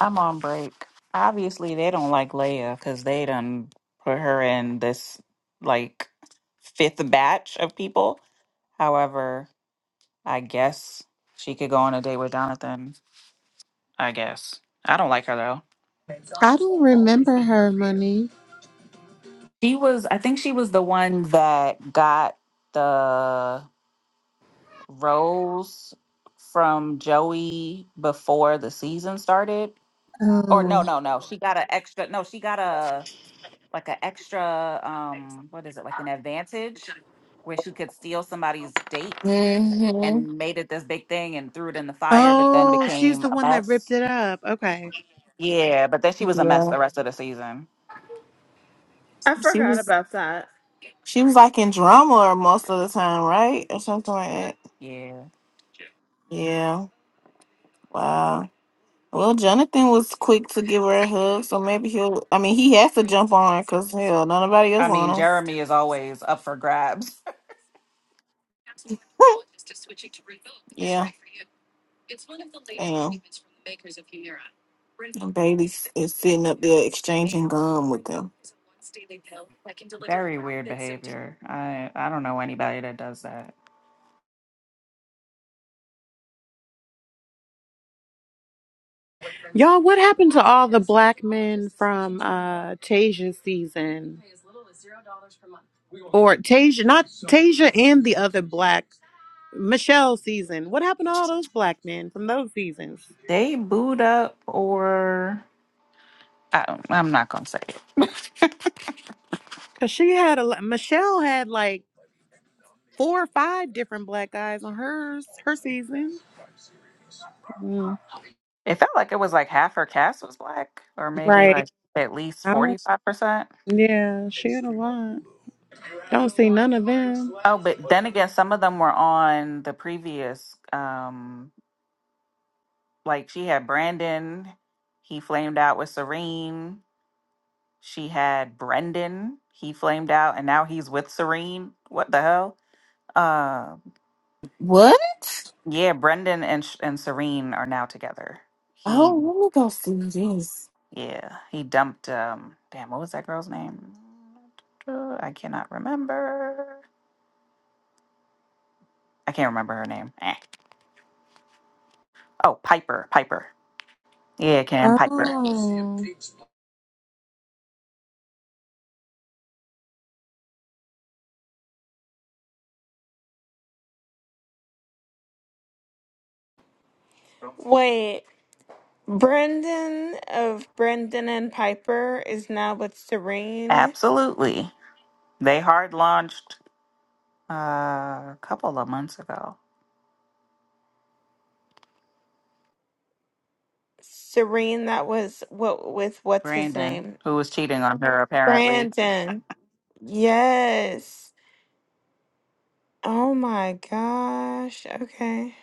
I'm on break. Obviously, they don't like Leia because they done put her in this like fifth batch of people. However, I guess she could go on a date with Jonathan. I guess. I don't like her though.
I don't remember her, Money.
She was, I think she was the one that got the rose from Joey before the season started. Or no,
Oh.
no, no. She got an extra, no, she got a like an extra um what is it like an advantage where she could steal somebody's date
hmm
and made it this big thing and threw it in the fire but then
oh she's
became
the
a
one that ripped
mess
it up okay
yeah but then she was a mess
Yeah.
the rest of the season
I
She
forgot
was
about that.
she was like in drama most of the time, right? Or something like that.
yeah
Yeah. Wow. Well, Jonathan was quick to give her a hug, so maybe he'll. I mean, he has to jump on her because hell, nobody else
i mean
on him.
jeremy is always up for grabs
yeah. Damn. And Bailey s- is sitting up there exchanging gum with them.
very weird behavior i i don't know anybody that does that
y'all what happened to all the black men from uh tasia season or tasia not tasia and the other black Michelle season. What happened to all those black men from those seasons?
they booed up or I don't, i'm not gonna say it
Cause she had a lo- Michelle had like four or five different black guys on hers her season. Mm,
it felt like it was like half her cast was black or maybe like
Right.
at least
I don't.
45%
Yeah, she had a lot. Don't see none of them.
Oh, but then again, some of them were on the previous. Um, like she had Brandon, he flamed out with Serene. She had Brendan, he flamed out, and now he's with Serene. What the hell? Uh,
What?
yeah, Brendan and Sh- and Serene are now together. He,
Oh,
Mhm.
let me go see this.
yeah, he dumped. Um, damn, what was that girl's name? Uh, I cannot remember. I can't remember her name. Eh. Oh, Piper, Piper. Yeah, Cam Piper.
Oh,
Wait, Brendan of Brendan and Piper is now with Serene.
Absolutely. They hard launched uh, a couple of months ago.
Serene, that was what with what's his
Brandon,
name?
who was cheating on her apparently.
Brandon. Yes. Oh my gosh. Okay.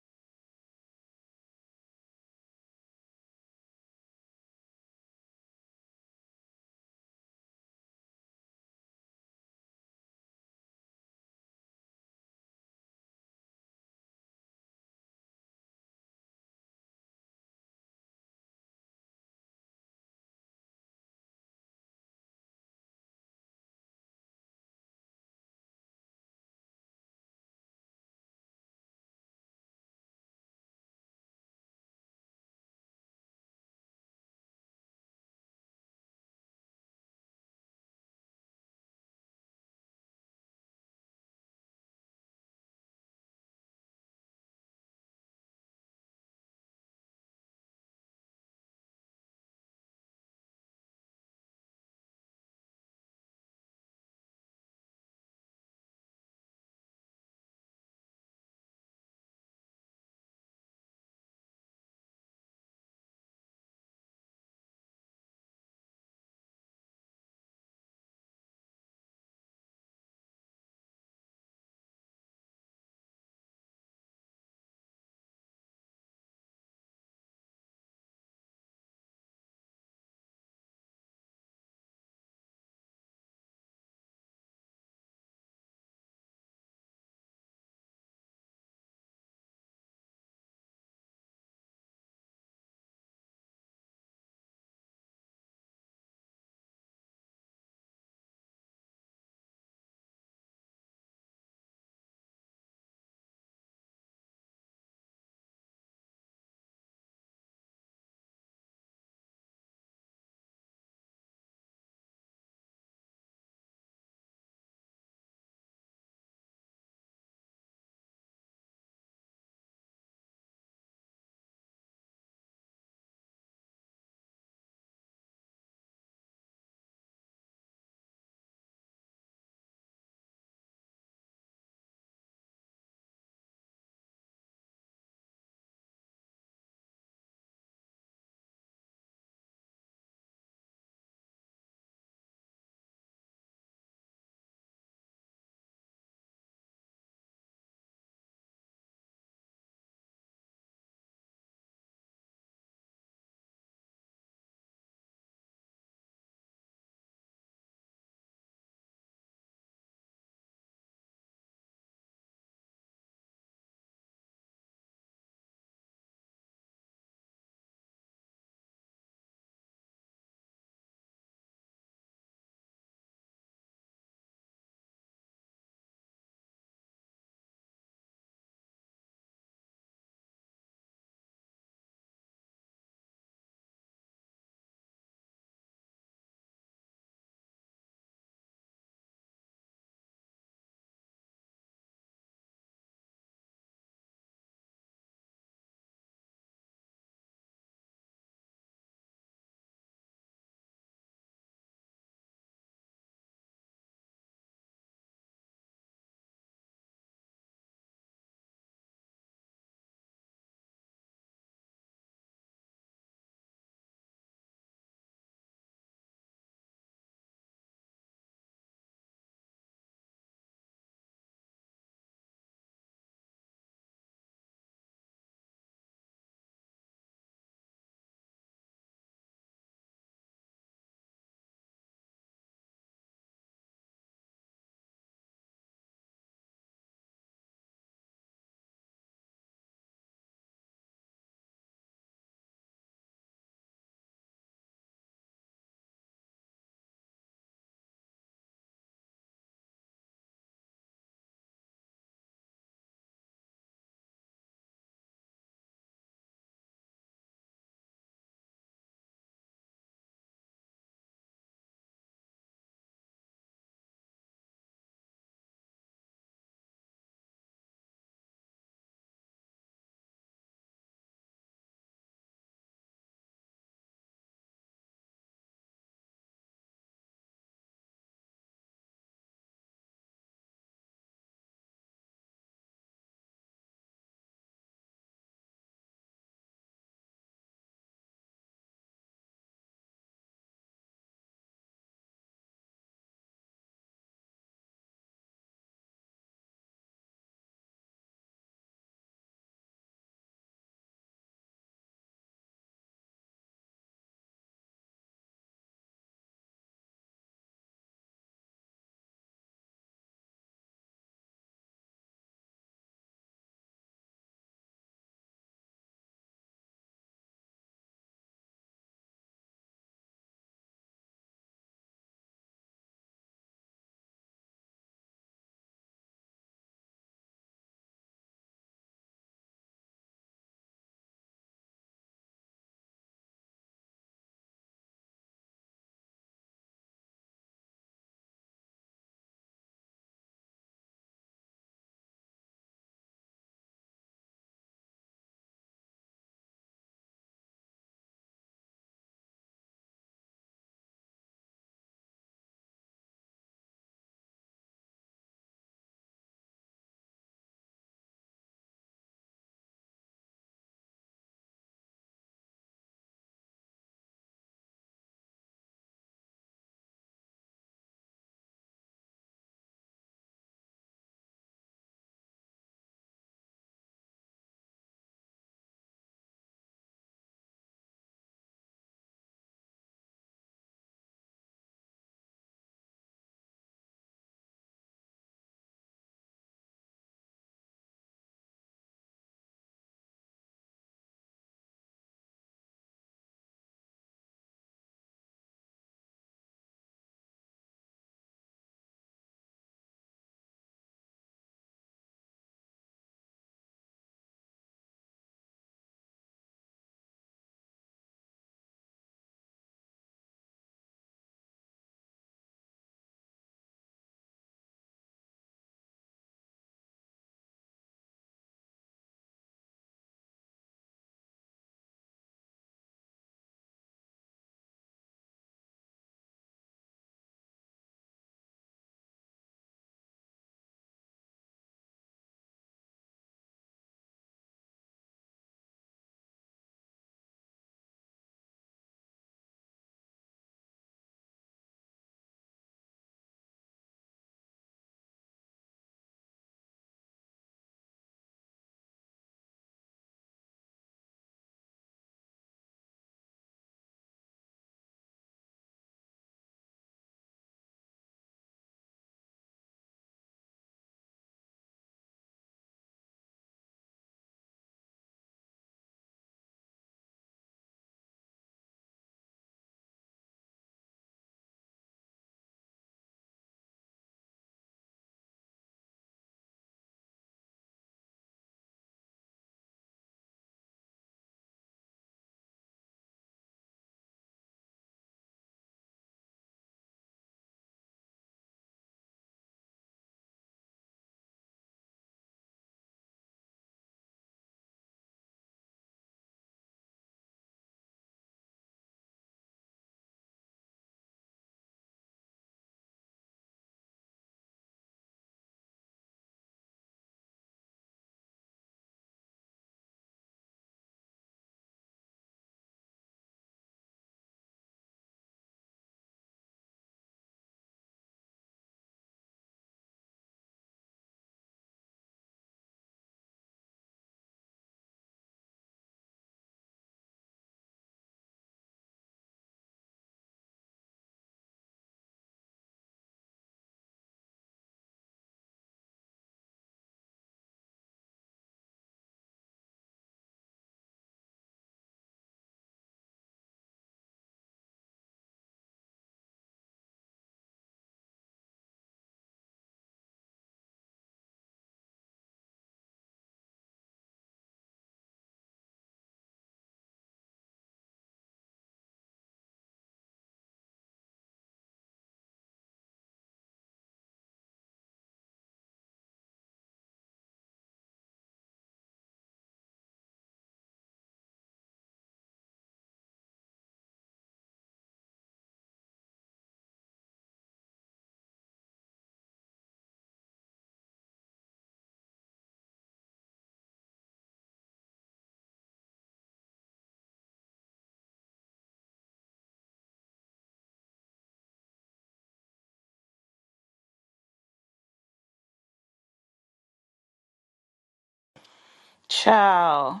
Child.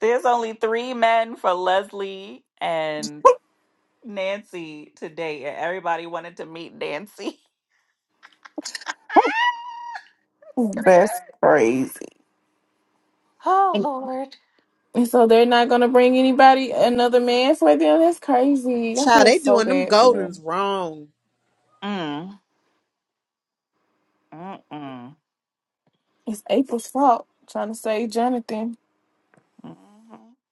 There's only three men for Leslie and Nancy today, and everybody wanted to meet Nancy. Screaming.
That's crazy.
Oh,
And
Lord.
And so they're not gonna bring anybody another man for them. That's crazy. I
child,
feel
they
so
doing them
bad for
goldens
them.
wrong.
Mm. Mm-mm.
It's April's fault trying to save Jonathan.
Mhm.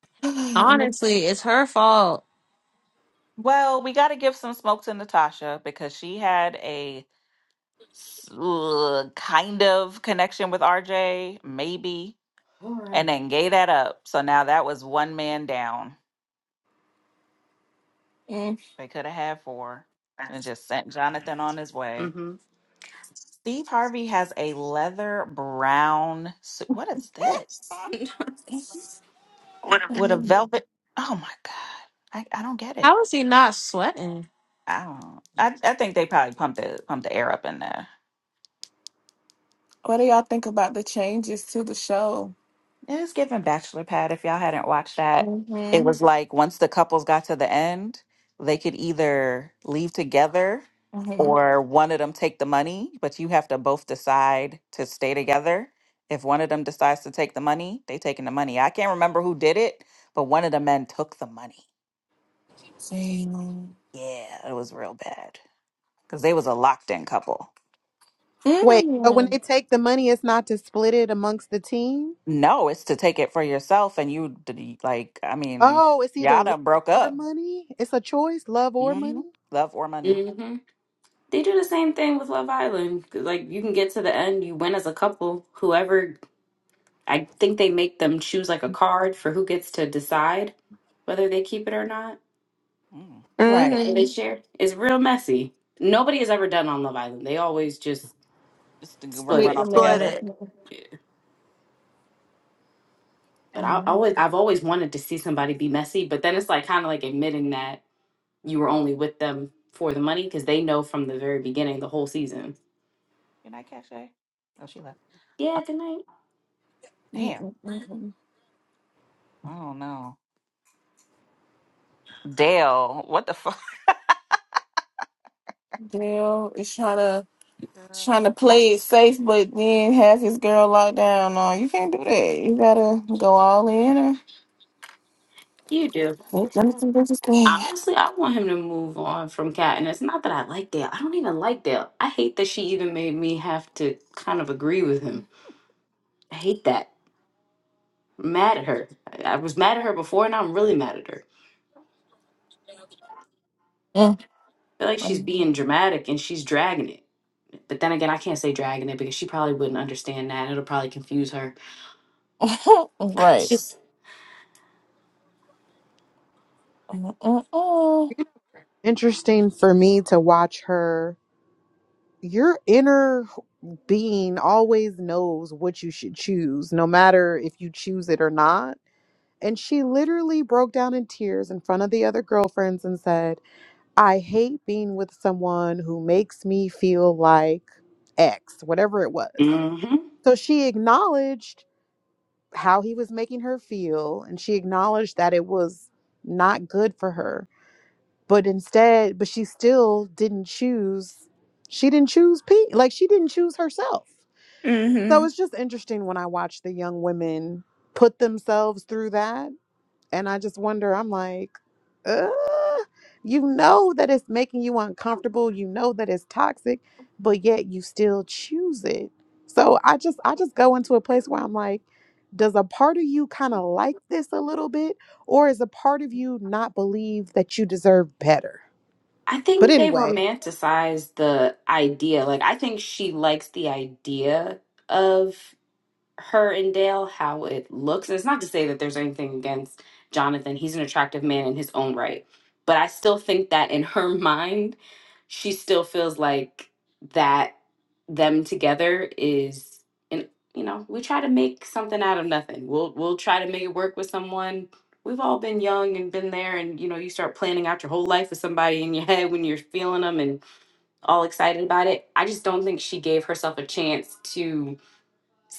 and
Honestly, it's her fault.
Well, we got to give some smoke to Natasha because she had a s- uh, kind of connection with RJ, maybe, All right. and right. then gave that up. So now that was one man down.
and
They could have had four and just sent Jonathan on his
hmm
way. Steve Harvey has a leather brown suit. What is this?
it's, I
With a
mean,
velvet. Oh my God. I, I don't get it.
How is he not sweating?
I don't. I, I think they probably pumped the pumped the air up in there.
what do y'all think about the changes to the show?
It is giving bachelor pad. If y'all hadn't watched that, it
Mm-hmm.
was like once the couples got to the end, they could either leave together
Mm-hmm.
or one of them take the money, but you have to both decide to stay together. If one of them decides to take the money, they taking the money. I can't remember who did it, but one of the men took the money. Yeah, it was real bad because they was a locked in couple.
Wait, so when
Damn.
they take the money, it's not to split it amongst the team.
No, it's to take it for yourself, and you d- like. I mean,
Oh, it's either
y'all
love
done broke
or
up.
money. It's a choice, love or
hmm
money.
Love or money.
hmm They do the same thing with Love Island. 'Cause, Like you can get to the end, you win as a couple. Whoever, I think they make them choose like a card for who gets to decide whether they keep it or not.
Mm.
Right.
and they
Mm-hmm.
share is real messy. Nobody has ever done on Love Island. They always just
just to go ru-
split
Split
run
it.
the
off
Split
money.
together.
it.
But I
Mhm.
always I've always wanted to see somebody be messy, but then it's like kind of like admitting that you were only with them for the money because they know from the very beginning the whole season.
Good night, Cache. Oh, she left. Uh,
Yeah, good night.
damn.
Mhm, mhm.
I don't know. Dale, what the fuck?
Bill is trying to trying
Girl.
to play it safe, but then have his girl locked down. No, you can't do that. You gotta go all in or
You do.
let them do this thing.
Honestly, I want him to move on from Kat, and it's not that I like Dale. I don't even like Dale. I hate that she even made me have to kind of agree with him. I hate that. I'm mad at her. I I was mad at her before, and I'm really mad at her.
Mm,
feel like she's
mm.
being dramatic and she's dragging it. But then again, I can't say dragging it because she probably wouldn't understand that. It'll probably confuse her. It's
right.
just,
Mm, mm, mm.
Interesting for me to watch her your inner being always knows what you should choose, no matter if you choose it or not. And she literally broke down in tears in front of the other girlfriends and said, I hate being with someone who makes me feel like X, whatever it was.
hmm
So she acknowledged how he was making her feel and she acknowledged that it was not good for her. But instead, but she still didn't choose, she didn't choose Pete. Like she didn't choose herself So
Mm-hmm.
it's just interesting when I watch the young women put themselves through that. And I just wonder, I'm like, Ugh, you know that it's making you uncomfortable. You know that it's toxic, but yet you still choose it. So I just I just go into a place where I'm like, does a part of you kind of like this a little bit? Or is a part of you not believe that you deserve better?
I
But
think they
anyway,
romanticize the idea. Like, I think she likes the idea of her and Dale, how it looks. And it's not to say that there's anything against Jonathan. He's an attractive man in his own right. But I still think that in her mind, she still feels like that them together is and you know, we try to make something out of nothing. We'll we'll try to make it work with someone. We've all been young and been there and you know, you start planning out your whole life with somebody in your head when you're feeling them and all excited about it. I just don't think she gave herself a chance to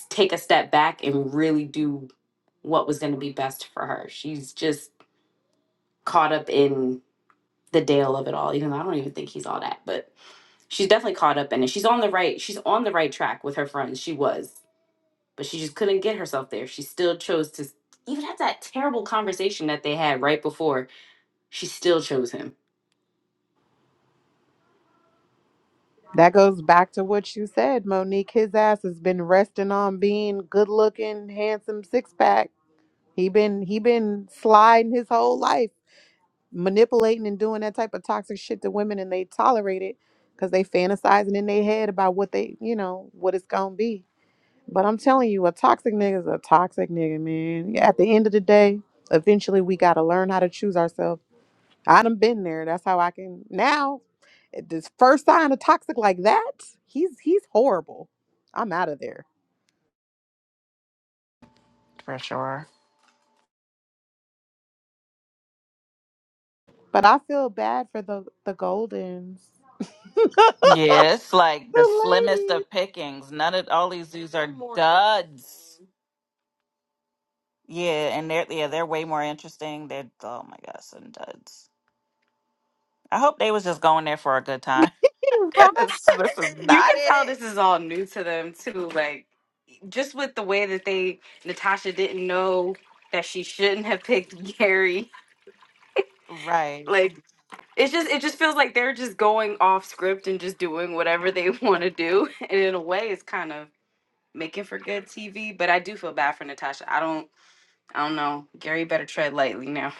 take a step back and really do what was going to be best for her. She's just caught up in the dale of it all, even though I don't even think he's all that, but she's definitely caught up in it. She's on the right, she's on the right track with her friends. She was, but she just couldn't get herself there. She still chose to, even at that terrible conversation that they had right before, she still chose him.
That goes back to what you said, Monique. His ass has been resting on being good looking, handsome six pack. He been he been sliding his whole life, manipulating and doing that type of toxic shit to women and they tolerate it because they fantasizing in their head about what they you know, what it's gonna be. But I'm telling you, a toxic nigga's a toxic nigga, man. Yeah, At the end of the day, eventually we gotta learn how to choose ourselves. I done been there. That's how I can now. This first sign of toxic like that, he's he's horrible. I'm out of there.
For sure.
But I feel bad for the the Goldens, the
Yeah, it's like the slimmest
ladies,
of pickings. None of all these zoos are more duds. interesting. Yeah, and they're yeah, they're way more interesting. They're oh my gosh, some duds. I hope they was just going there for a good time.
right?
'cause this is
You
not
can tell
it.
this is all new to them too. Like just with the way that they Natasha didn't know that she shouldn't have picked Gary.
Right.
Like it's just it just feels like they're just going off script and just doing whatever they want to do and in a way it's kind of making for good tv but i do feel bad for natasha i don't i don't know gary better tread lightly now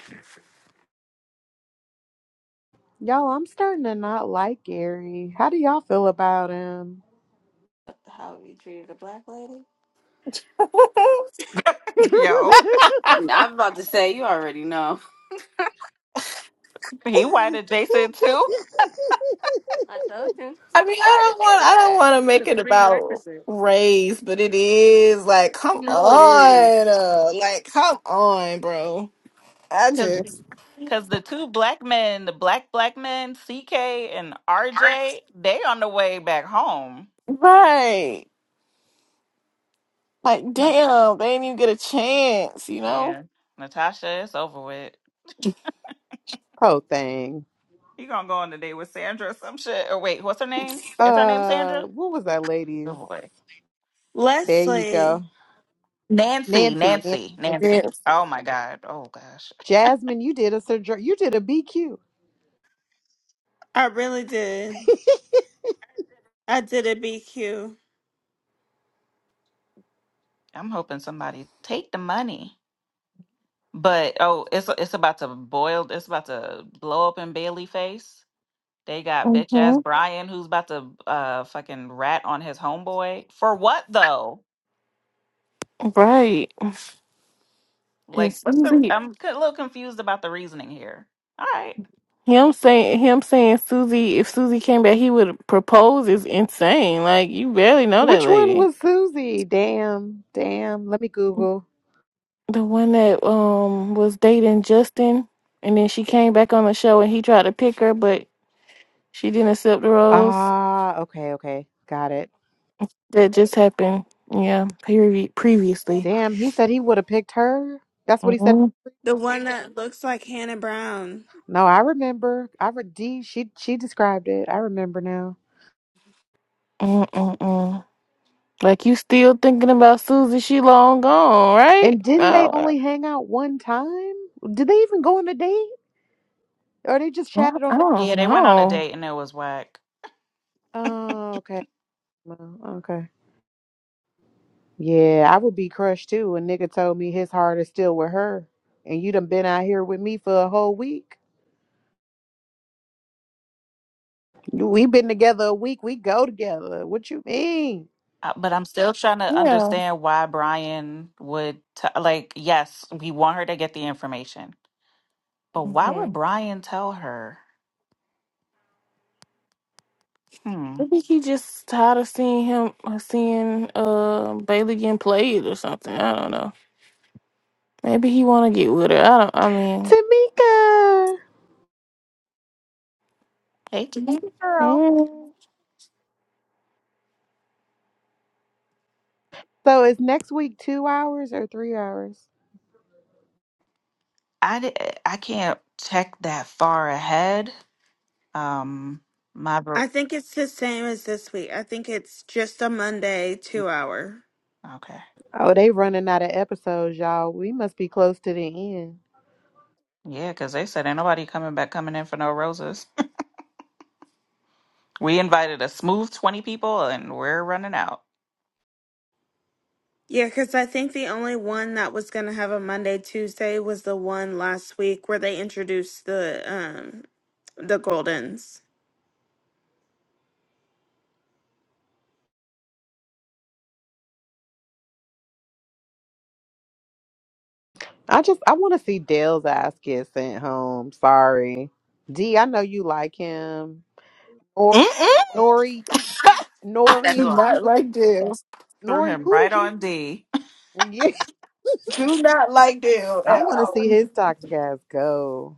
Y'all, I'm starting to not like Gary. How do y'all feel about him?
How he treated a black lady? Yo.
i was about to say you already know
He white adjacent too. I told you.
I mean, I
Why did
don't
they
want
say?
I don't
that?
want to make
It's a
it about
prerequisite.
race, but it is like, come
You know it is.
on, uh, like come on, bro. I
Because
just
because the two black men, the black black men, CK and RJ, they on the way back home.
right. Like,
Huh.
damn, they didn't even get a chance, you know?
Yeah, Natasha, it's over with.
Whole thing.
You gonna go on a date with Sandra or some shit? Or wait, what's her name? Is her name
Uh,
Sandra?
what was that,
Good
ladies?
boy,
There you
Leslie.
go,
Nancy,
Nancy, Nancy,
Nancy,
Nancy,
Nancy.
Yes.
Oh my God. Oh gosh.
Jasmine. You did a surgery. You did a BQ.
I really did. I did a BQ.
I'm hoping somebody take the money. But oh, it's it's about to boil. It's about to blow up in Bailey face. They got bitch ass
hmm
Brian who's about to uh fucking rat on his homeboy for what though?
Right. And
Like what's the?
Susie,
I'm c- a little confused about the reasoning here. All right,
him saying, him saying Susie, if Susie came back, he would propose is insane. Like, you barely know that
Which one
lady.
was Susie? Damn, damn. Let me Google.
The one that um was dating Justin, and then she came back on the show and he tried to pick her, but she didn't accept the rose.
Ah, okay, okay. Got it.
That just happened, yeah, Period. previously.
Damn, he said he would have picked her. That's what he said.
Mm-hmm.
The one that looks like Hannah Brown.
No, I remember. I re- D, she she described it. I remember now.
Like you still thinking about Susie? She long gone, right?
And didn't they
Uh,
only hang out one time? Did they even go on a date? Or they just
I
chatted on
I
the
don't
yeah, they went on a
know.
date and it was whack.
Oh, okay. Well, Okay. Yeah, I would be crushed too. A nigga told me his heart is still with her. And you done been out here with me for a whole week. We been together a week. We go together. What you mean?
Uh, But I'm still trying to
Yeah,
understand why Brian would t- like. Yes, we want her to get the information, but why
hmm
would Brian tell her? Hmm.
I think he just tired of seeing him, uh, seeing uh Bailey getting played or something. I don't know. Maybe he want to get with her. I don't. I mean,
Tamika.
Hey, girl.
mm.
So is next week two hours or three hours?
I di- eh, I can't check that far ahead. Um, my ver-
I think it's the same as this week. I think it's just a Monday two hour.
okay,
Oh, they running out of episodes, y'all. We must be close to the end.
yeah, because they said ain't nobody coming back coming in for no roses. We invited a smooth twenty people, and we're running out.
Yeah, because I think the only one that was going to have a Monday Tuesday was the one last week where they introduced the um the Goldens.
I just I want to see Dale's ass get sent home. Sorry, D. I know you like him. Or Nori, you-
that's
Nori,
all
Threw
Nori.
him
Who
right
did you?
on D.
Yeah, I want to see his toxic ass go.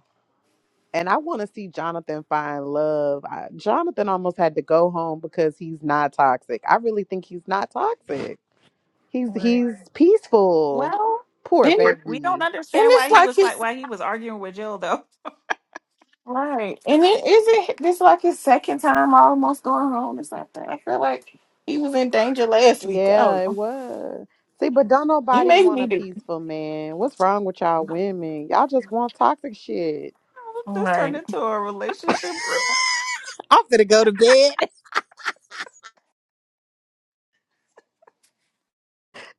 and I want to see Jonathan find love. I, Jonathan almost had to go home because he's not toxic. I really think he's not toxic. He's he's peaceful.
Well,
and,
Poor
and
we don't
baby.
understand why
it's
he
like
was
his
like why he was arguing with Jill though.
right, and it isn't. This like his second time almost going home or something. I feel like he was in danger last week. I
Yeah,
don't
it
know.
was. See, but don't
He
nobody
may
want a
need it.
peaceful man. What's wrong with y'all women? Y'all just want toxic shit.
This turned
Right.
into a relationship room.
I'm gonna go to bed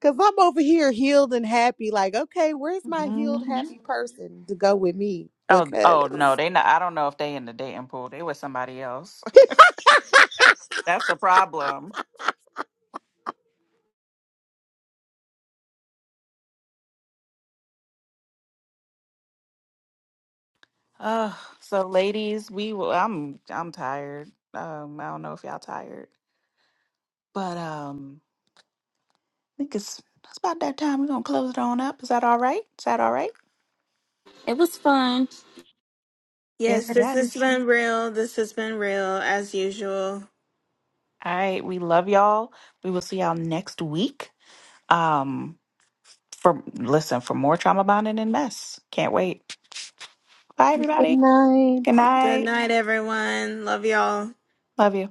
because I'm over here healed and happy. Like, okay, where's my healed,
Mhm.
happy person to go with me?
Oh, oh no,
Because
they not. I don't know if they in the dating pool. They with somebody else. That's the problem. Uh, so ladies, we will I'm I'm tired. Um, I don't know if y'all tired. But um I think it's it's about that time. We're gonna close it on up. Is that all right? Is that all right?
It was fun.
Yes,
Yes,
it
this has
is.
been real. This has been real as usual.
All right, we love y'all. We will see y'all next week. Um for listen, for more trauma bonding and mess. Can't wait. Bye
good
everybody. Good
night.
Good
night.
night, everyone. Love y'all.
Love you.